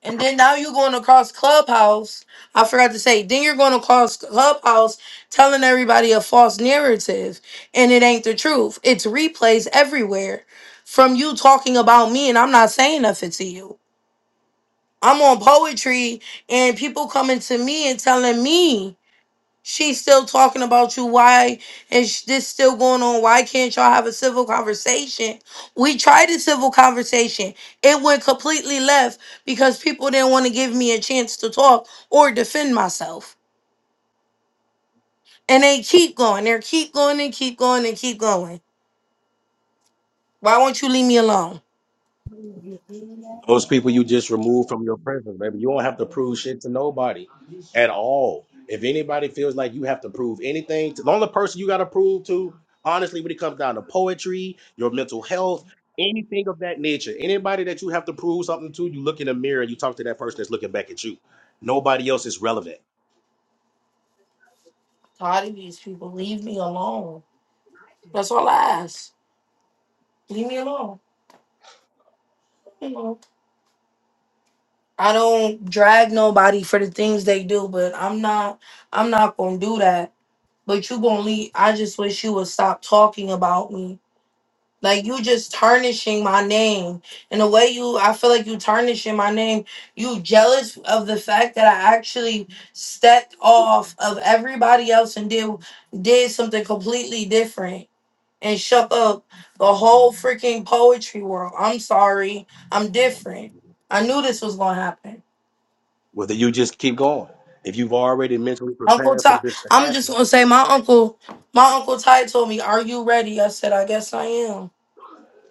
B: And then now you're going across Clubhouse. I forgot to say, then you're going across Clubhouse telling everybody a false narrative. And it ain't the truth. It's replays everywhere from you talking about me, and I'm not saying nothing to you. I'm on poetry, and people coming to me and telling me. She's still talking about you. Why is this still going on? Why can't y'all have a civil conversation? We tried a civil conversation. It went completely left because people didn't want to give me a chance to talk or defend myself. And they keep going. They keep going and keep going and keep going. Why won't you leave me alone?
E: Those people you just remove from your presence, baby. You don't have to prove shit to nobody at all. If anybody feels like you have to prove anything, to, the only person you got to prove to, honestly, when it comes down to poetry, your mental health, anything of that nature, anybody that you have to prove something to, you look in the mirror and you talk to that person that's looking back at you. Nobody else is relevant.
B: Tired of these people. Leave me alone. That's all I ask. Leave me alone. You know, I don't drag nobody for the things they do, but I'm not. I'm not gonna do that but you gonna leave. I just wish you would stop talking about me. Like you just tarnishing my name. And the way you I feel like you tarnishing my name. You jealous of the fact that I actually stepped off of everybody else and did did something completely different and shook up the whole freaking poetry world. I'm sorry. I'm different. I knew this was gonna happen.
E: Whether you just keep going. If you've already mentally
B: Uncle
E: prepared for
B: Ty
E: this to
B: I'm
E: happen,
B: just gonna say my uncle my uncle Ty told me, Are you ready? I said, I guess I am.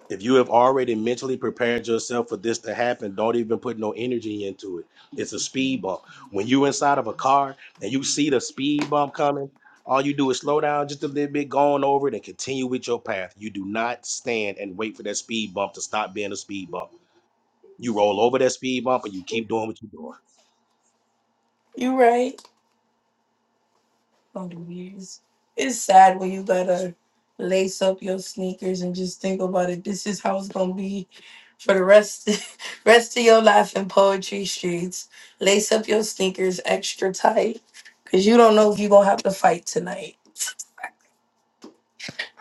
E: If you have already mentally prepared yourself for this to happen, don't even put no energy into it. It's a speed bump. When you inside of a car and you see the speed bump coming, all you do is slow down just a little bit, go on over it, and continue with your path. You do not stand and wait for that speed bump to stop being a speed bump. You roll over that speed bump and you keep doing what you're doing.
B: You right. Don't do years. It's sad when you gotta lace up your sneakers and just think about it. This is how it's gonna be for the rest [laughs] rest of your life in poetry streets. Lace up your sneakers extra tight. Cause you don't know if you're gonna have to fight tonight.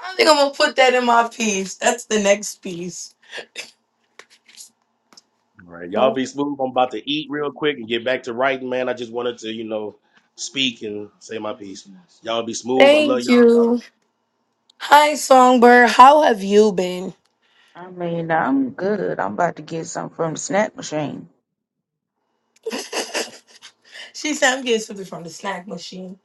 B: I think I'm gonna put that in my piece. That's the next piece.
E: All right, y'all
B: Well,
E: be smooth. I'm about to eat real quick and get back to writing, man. I just wanted to, you know, speak and say my piece. Y'all be smooth. I love
B: Thank
E: y'all. Y'all
B: you. Hi Songbird, how have you been?
F: I mean, I'm good. I'm about to get some from the snack machine.
B: She said I'm getting something from the snack machine.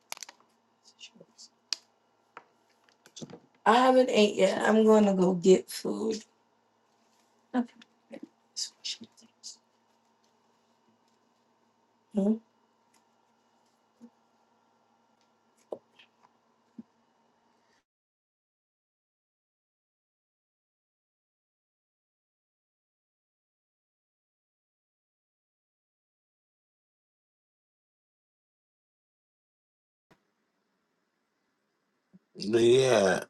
B: I haven't ate yet. I'm going to go get food. Mhm.
C: Yeah.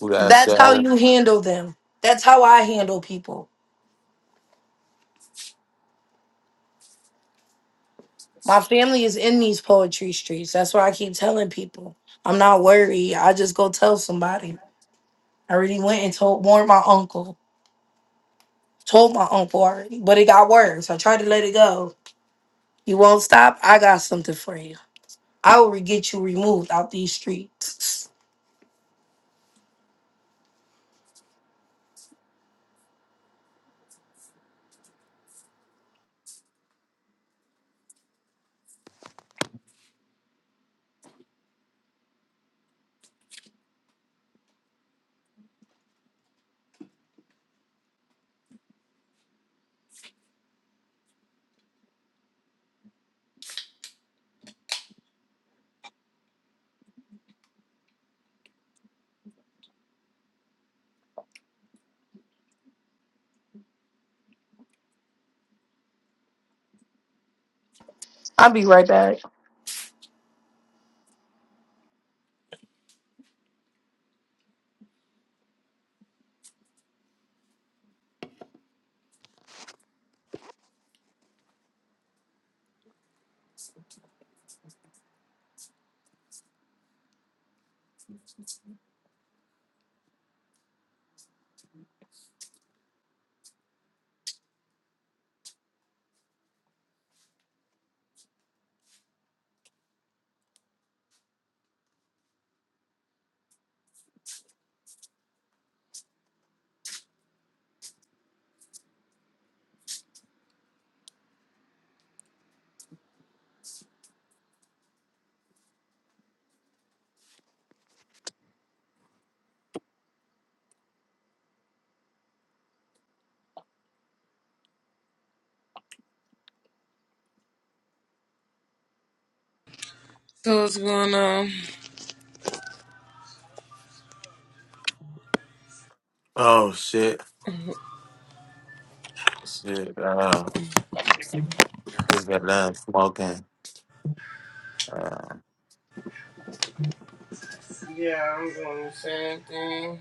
C: We got
B: That's how
C: started.
B: you handle them. That's how I handle people. My family is in these poetry streets. That's why I keep telling people I'm not worried. I just go tell somebody. I already went and told warned my uncle. Told my uncle already, but it got worse. I tried to let it go. You won't stop. I got something for you. I will get you removed out these streets. I'll be right back.
A: So what's going on?
C: Oh, shit. Shit. Uh, just got done smoking. Uh,
A: Yeah, I'm doing the same thing.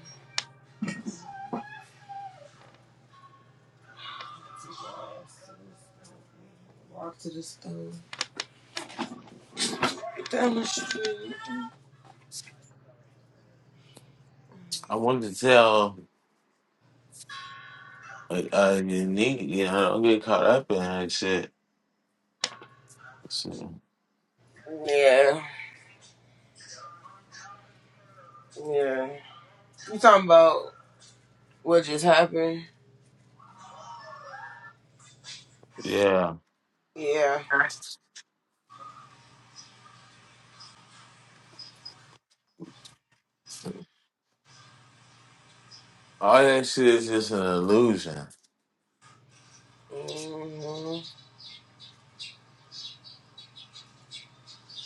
A: Walk to the store. Get down the street.
C: I wanted to tell uh, uh, you need, you know, don't get caught up in that shit. shit.
A: Yeah, yeah. You talking about what just happened?
C: Yeah.
A: Yeah.
C: All that shit is just an illusion.
A: hmm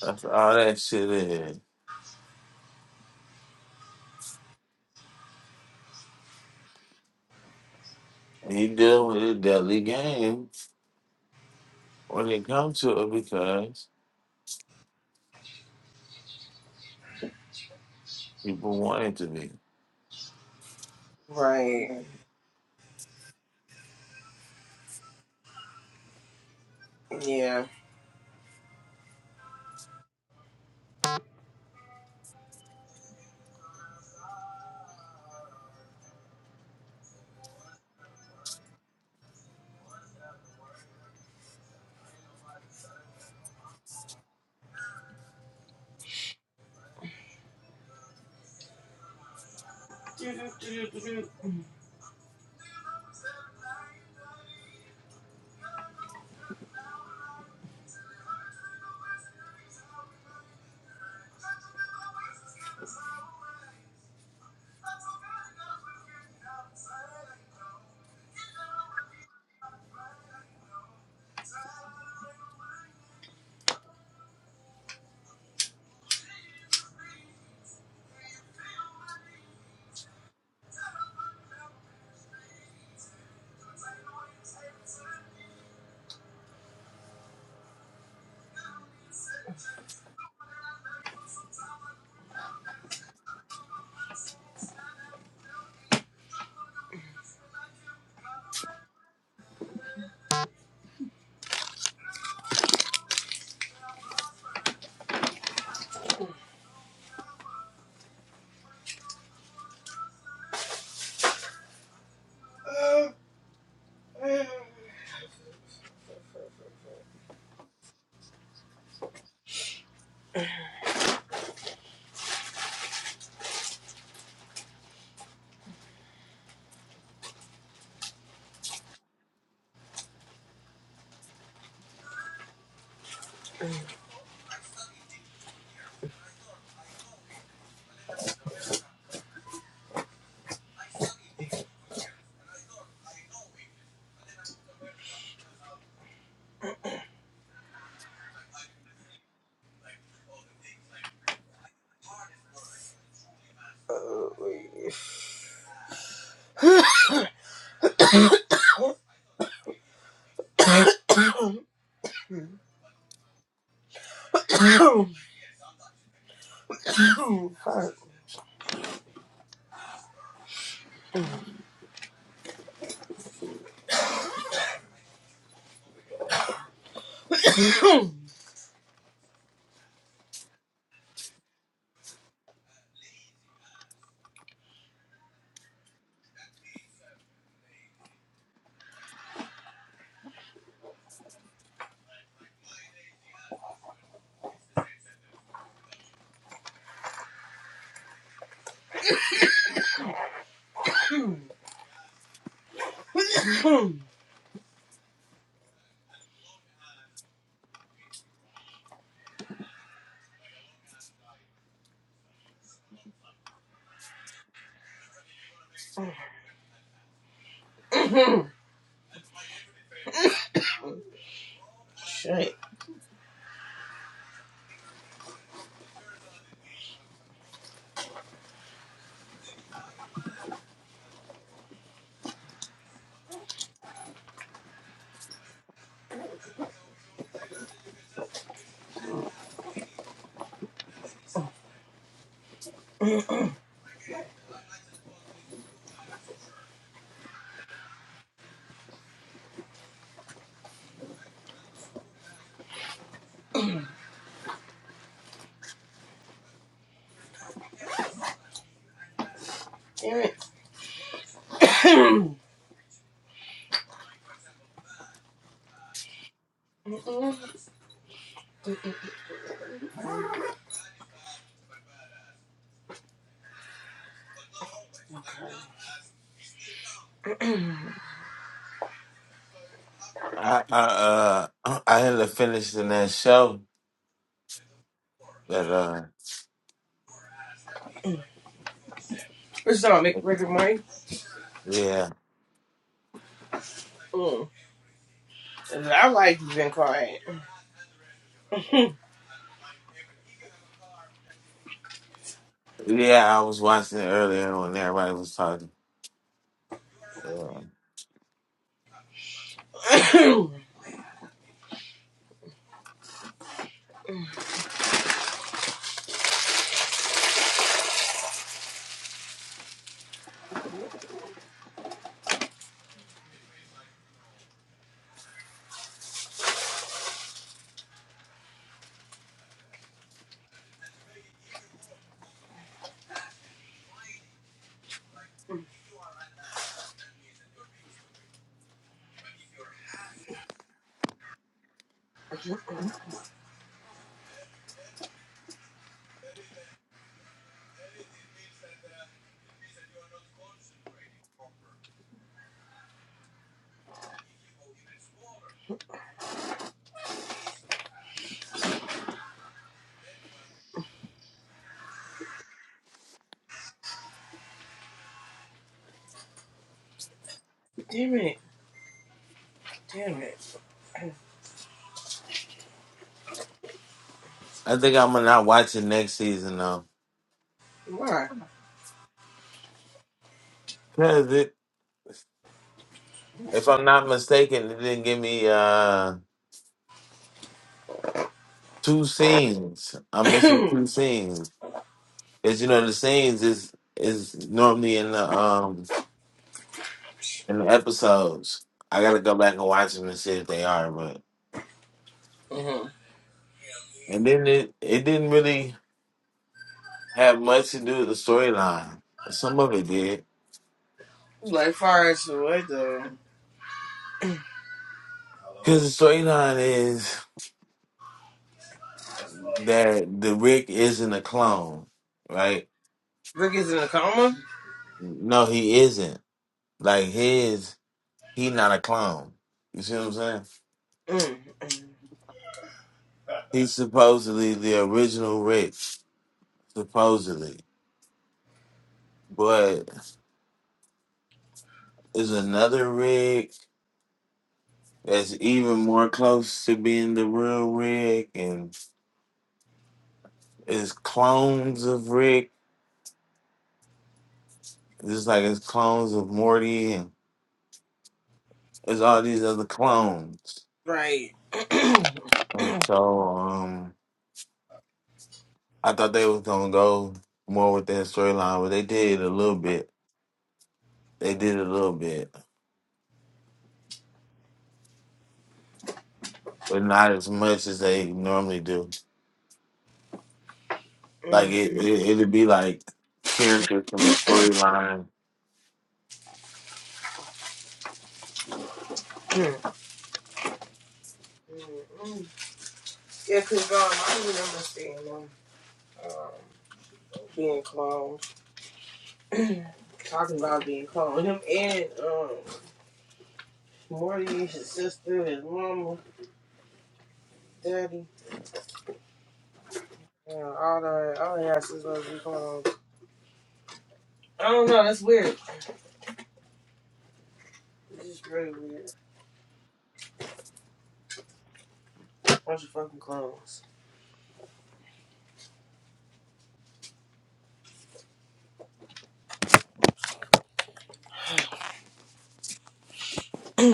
C: That's all that shit is. And you deal with a deadly game when it comes to it because people want it to be.
A: Right. Yeah. Uh, [coughs] [coughs] Shit. Damn it. [coughs]
C: I I uh [clears throat] I had to finish in that show that uh
A: it's not make Rick and Morty.
C: yeah
A: Mm. I like you been quiet.
C: yeah I was watching it earlier when everybody was talking. Uh,
A: [coughs] Damn it. Damn it.
C: I think I'm gonna not watch it next season though,
A: Why?
C: cause it if I'm not mistaken it didn't give me uh two scenes. I'm missing
A: [coughs]
C: two scenes. Cause you know the scenes is is normally in the um in the episodes. I gotta go back and watch them and see if they are. But
A: hmm
C: and then it it didn't really. had much to do with the storyline. Some of it did.
A: Like far as what though?
C: Because the storyline is that the Rick isn't a clone, right?
A: Rick is in a coma?
C: No, he isn't. Like his, he not a clone. You see what I'm saying?
A: Mm.
C: He's supposedly the original Rick, supposedly. But is another Rick that's even more close to being the real Rick, and it's clones of Rick, just like it's clones of Morty, It's all these other clones.
A: Right. [clears throat]
C: And so um I thought they was gonna go more with that storyline, but they did a little bit. They did a little bit. But not as much as they normally do. Like
A: Mm,
C: it, it it'd be like characters from the storyline.
A: mm, mm, mm. yeah, cause um, I remember seeing them um, being clones, talking about being clones. Him and um, Morty, his sister, his mama, daddy, yeah, all that. all the asses supposed to be clones. I don't know. That's weird. It's just really weird. Bunch of fucking clones.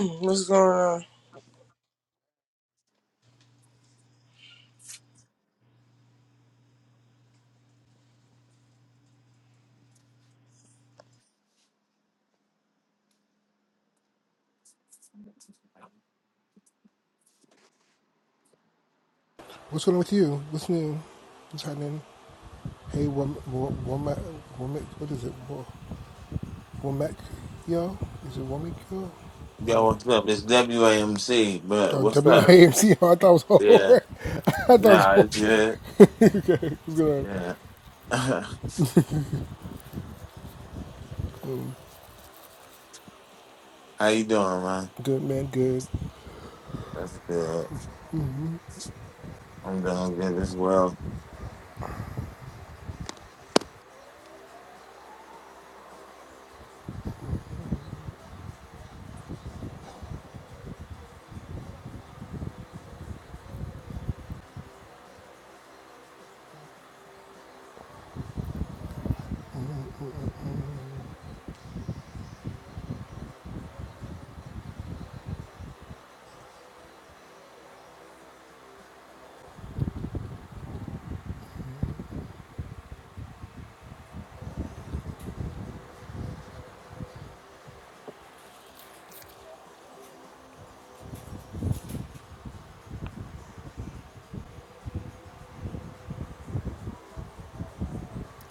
A: [clears throat] What's going on?
G: What's going on with you? What's new? What's happening? Hey, Wom- Wo- Womack, what is it? Wo- Womack, yo? Is it Womack, yo?
C: Yo, what's up? It's WAMC, but
G: Oh,
C: what's up?
G: W-A-M-C, [laughs] I thought it was
C: Yeah.
G: over. [laughs] I thought it was
C: Nah,
G: over.
C: it's good.
G: What's going
C: Yeah. [laughs] How
G: on?
C: you doing, man?
G: Good, man, good.
C: That's good. I'm doing good as well.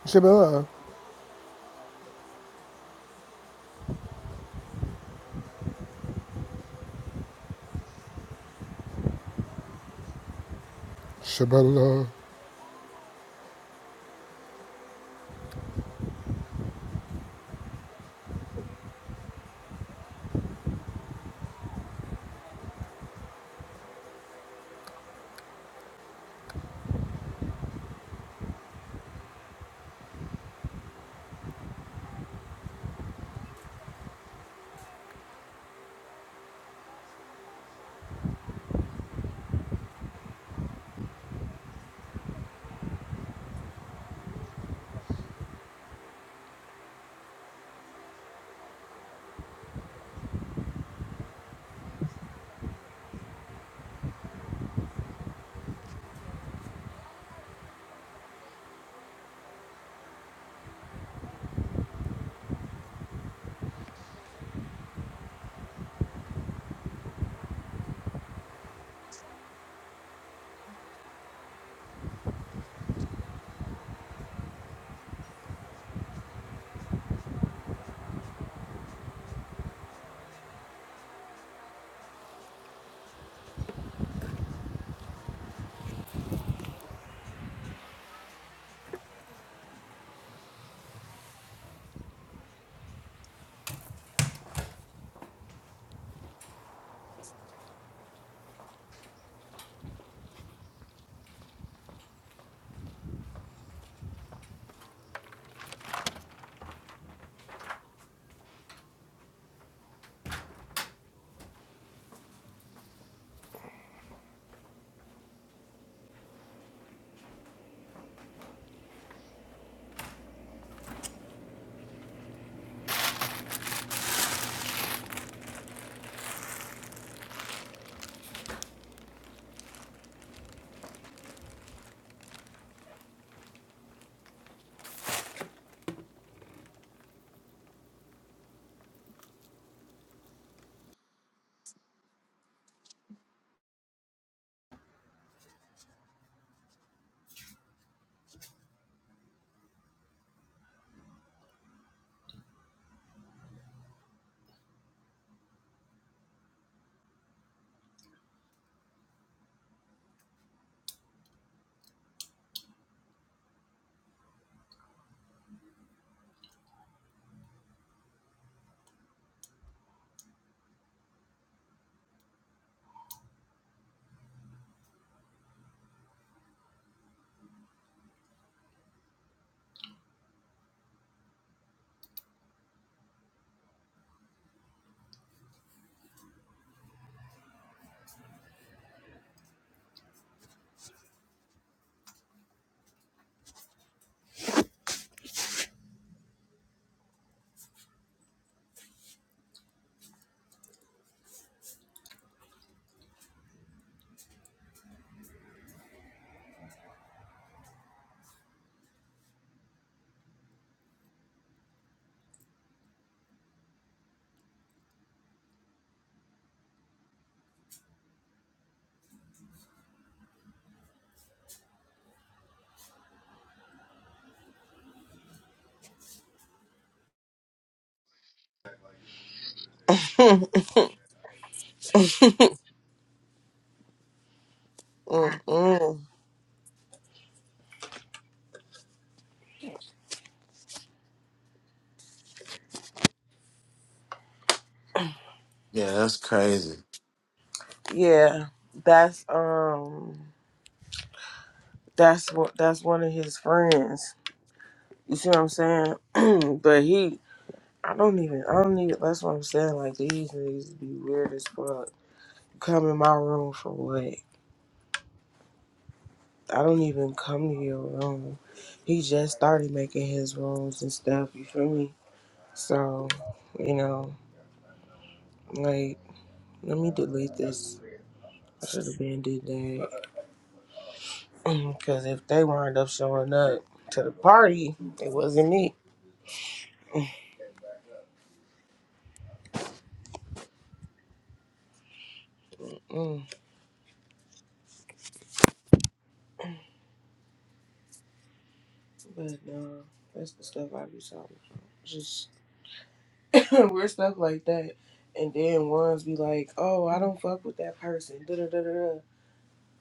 G: Shabala. Shabala.
A: Mm-mm.
C: Yeah, that's crazy.
A: Yeah, that's um, that's what that's one of his friends. You see what I'm saying? [clears throat] but he I don't even. I don't even. That's what I'm saying. Like these niggas be weird as fuck. Come in my room for what? I don't even come to your room. He just started making his rooms and stuff. You feel me? So, you know, like, let me delete this. I should have been did that. [clears throat] Cause if they wind up showing up to the party, it wasn't me. [clears throat] Mm. But no, that's the stuff I be talking about. Just. [laughs] we're stuff like that. And then ones be like, "Oh, I don't fuck with that person." Da da da da. da.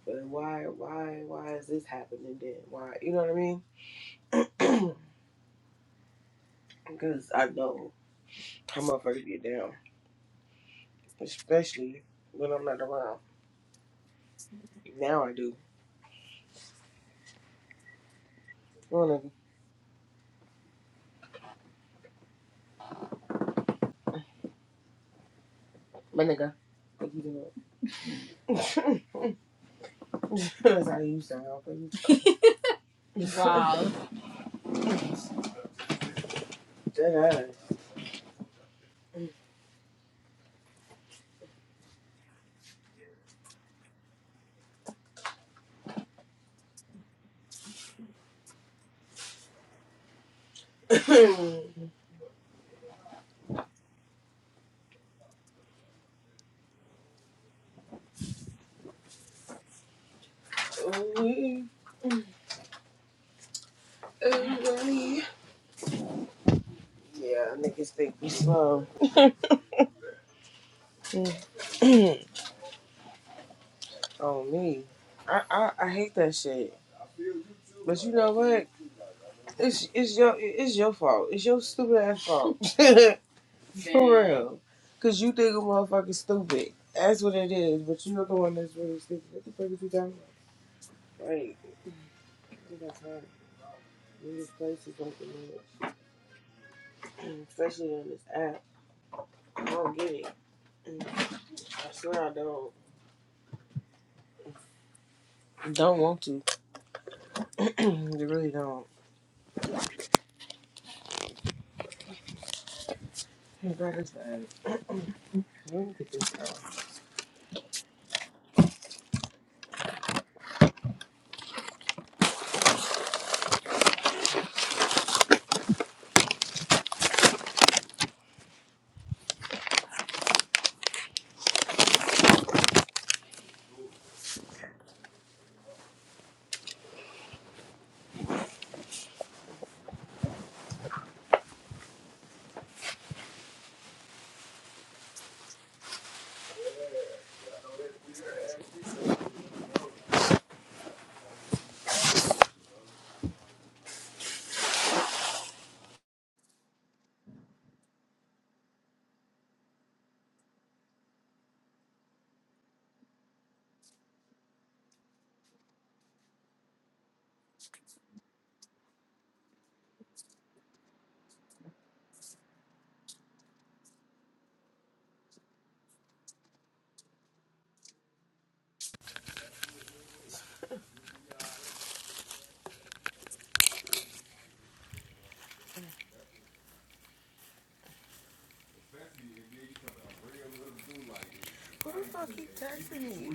A: But why, why, why is this happening then? Why, you know what I mean? [clears throat] Because I know how motherfuckers get down, especially when I'm not around. Now I do. Oh, nigga, my nigga, what you doing? [laughs] That's how you sound. Baby. [laughs] Dead ass. [laughs] we, everybody. Yeah, niggas think we slow. [laughs] [clears throat] Oh me, I, I I hate that shit. But you know what? It's it's your it's your fault. It's your stupid ass fault. [laughs] For real, cause you think a motherfucker stupid. That's what it is. But you're the one that's really stupid. What the fuck is you talking about? Like, you got time. You just places don't get it, especially on this app. I don't get it. Mm, I swear I don't. Don't want to. [clears throat] you really don't. Hey, bro, this the app. Let me get this out. Who the fuck keep texting me?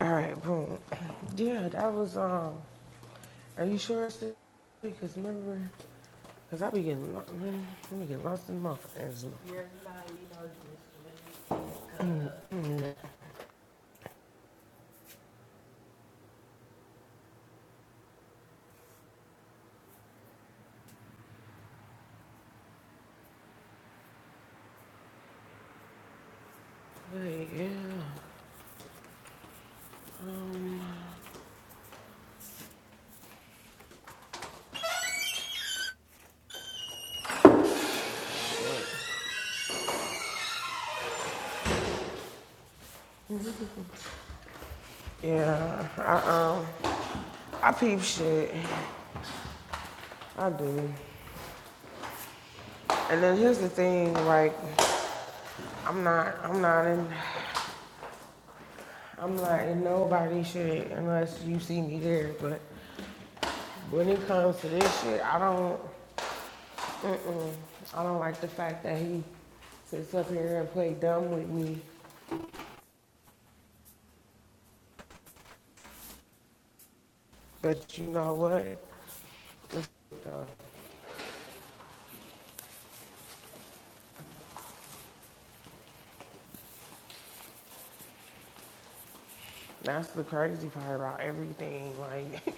A: All right, boom. Yeah, that was. Um, are you sure it's this? Because remember, because I be getting lo- man, let me get lost in my friends. But yeah, um, yeah, I um, I peep shit. I do. And then here's the thing, like, I'm not, I'm not in, I'm not in nobody shit unless you see me there. But when it comes to this shit, I don't. Mm-mm. I don't like the fact that he sits up here and play dumb with me. But you know what? It's, uh, That's the crazy part about everything. Like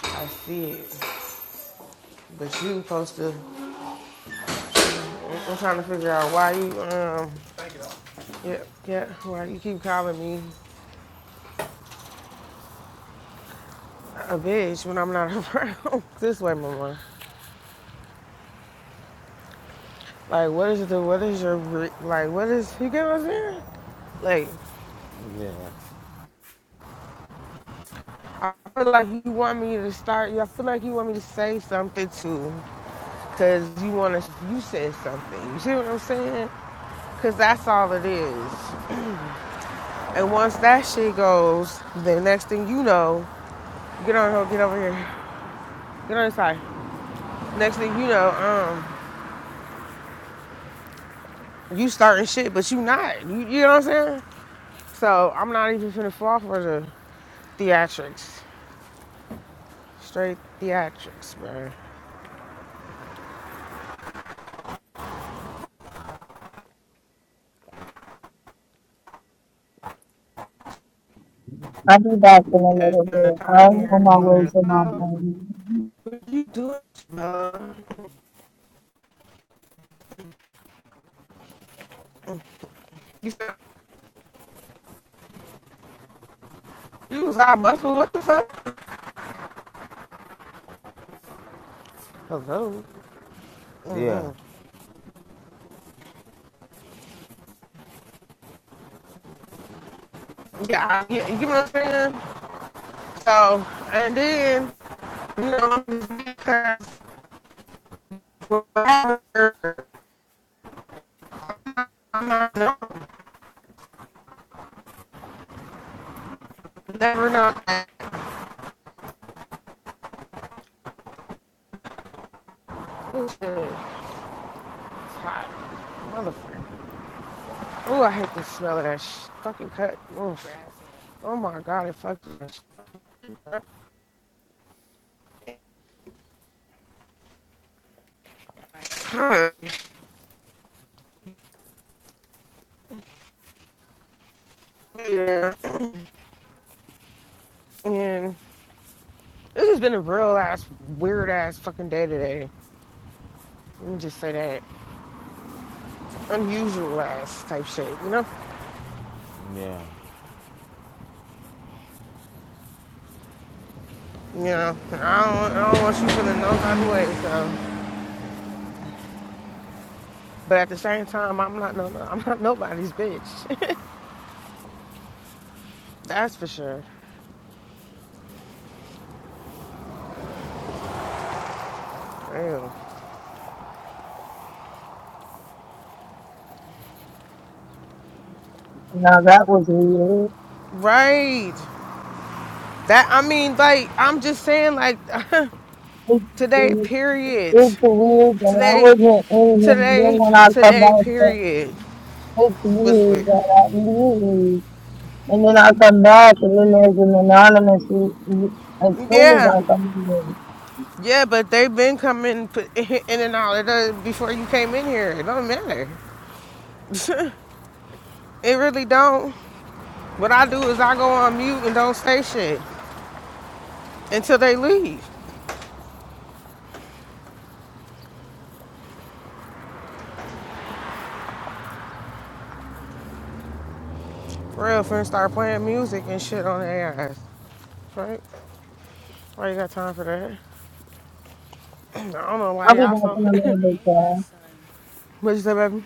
A: [laughs] I see it, but you supposed to. I'm trying to figure out why you um yeah yeah why you keep calling me a bitch when I'm not around. [laughs] this way, mama. Like what is the what is your re- like what is you get what I'm saying? Like
C: Yeah,
A: I feel like you want me to start. yeah, I feel like you want me to say something too, cause you want to. You said something. You see what I'm saying? Cause that's all it is. And once that shit goes, the next thing you know, get on her, get over here, get on this side. Next thing you know, um, you starting shit, but you not. You, you know what I'm saying? So I'm not even finna fall for the theatrics, straight theatrics, bro.
B: I'll be back in a little bit.
A: Come in
B: I'm
A: here
B: on
A: and
B: my
A: be
B: way
A: like,
B: to my
A: oh.
B: appointment.
A: What you doing, bro? You said you was all muscle. What the fuck? Hello.
C: yeah.
A: hmm Yeah, you yeah, you know what I'm saying? So, and then, you know, because whatever, I'm not, no, never know. This shit is hot, motherfucker. Oh, I hate the smell of that sh- fucking cut. Oof. Oh my god, it fucking [laughs] Yeah. And this has been a real ass, weird ass fucking day today. Let me just say that. unusual ass type shit, you know?
C: Yeah.
A: You know, I don't, I don't want you feeling no kind of way, so. But at the same time, I'm not no, no, I'm not nobody's bitch. [laughs] That's for sure. Damn.
B: Now that was weird.
A: Right. That I mean, like I'm just saying, like [laughs] today,
B: It-
A: period.
B: It's weird that I
A: Today,
B: wasn't in him. Then
A: today,
B: when I come
A: today,
B: back, so
A: period
B: it's
A: was
B: weird
A: weird.
B: that I leave. And then I come back, and then there's an anonymous. re- re- As soon as
A: Yeah,
B: I come in,
A: yeah, but they've been coming [laughs] in and out. It does, before you came in here. It don't matter. [laughs] it really don't. What I do is I go on mute and don't say shit until they leave. For real, friends start playing music and shit on their ass. Right? Why you got time for that? [clears throat] I don't know why
B: I'll be
A: y'all so. [laughs] what you say, baby?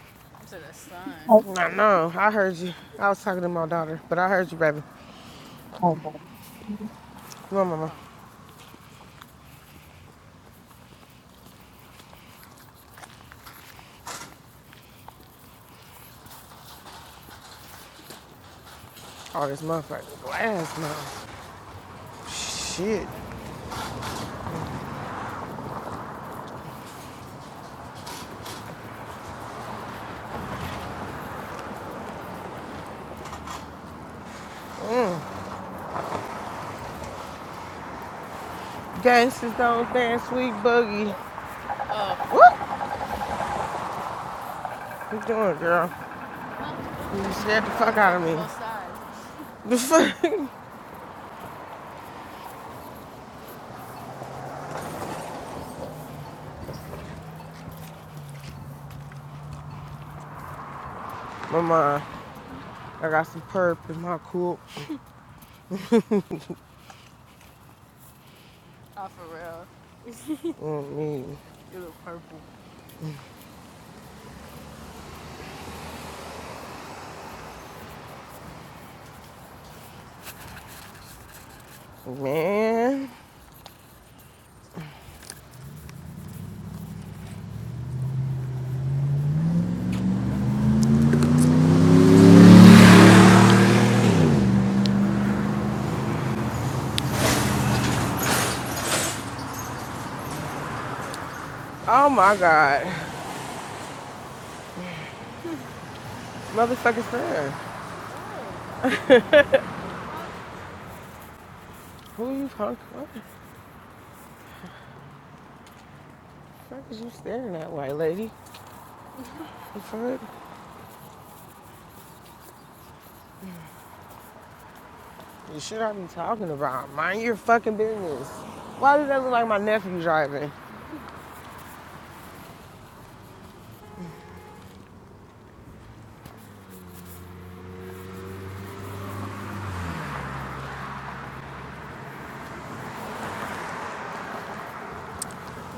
B: like,
A: I know. I heard you. I was talking to my daughter, but I heard you, baby.
B: oh,
A: Come on, mama. All this motherfucking glass now. Shit. Gangsters don't dance, sweet boogie. What? What you doing, girl? You scared the fuck out of me. The [laughs] fuck? Mama, I got some perp in my cool. Mm, me. Man. Oh my God. Motherfucker staring. [laughs] Who you punk? What the fuck is you staring at, white lady? The fuck? You should not be talking about. Mind your fucking business. Why does that look like my nephew driving?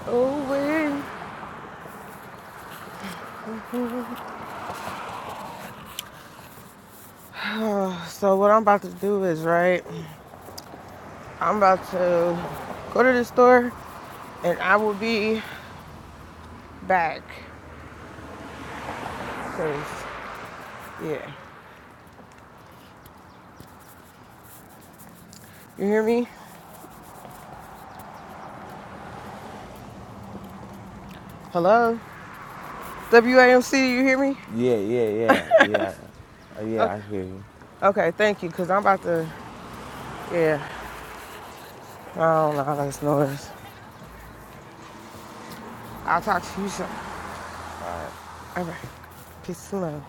A: Oh, wait. [sighs] Uh, so what I'm about to do is, right, I'm about to go to the store and I will be back. back. 'Cause, yeah. You hear me? Hello? WAMC, you hear me?
C: Yeah, yeah, yeah, yeah. Uh, yeah,
A: Okay.
C: I hear you.
A: Okay, thank you, because I'm about to Yeah, I don't know how this noise. I'll talk to you soon.
C: All right.
A: All right, peace and love.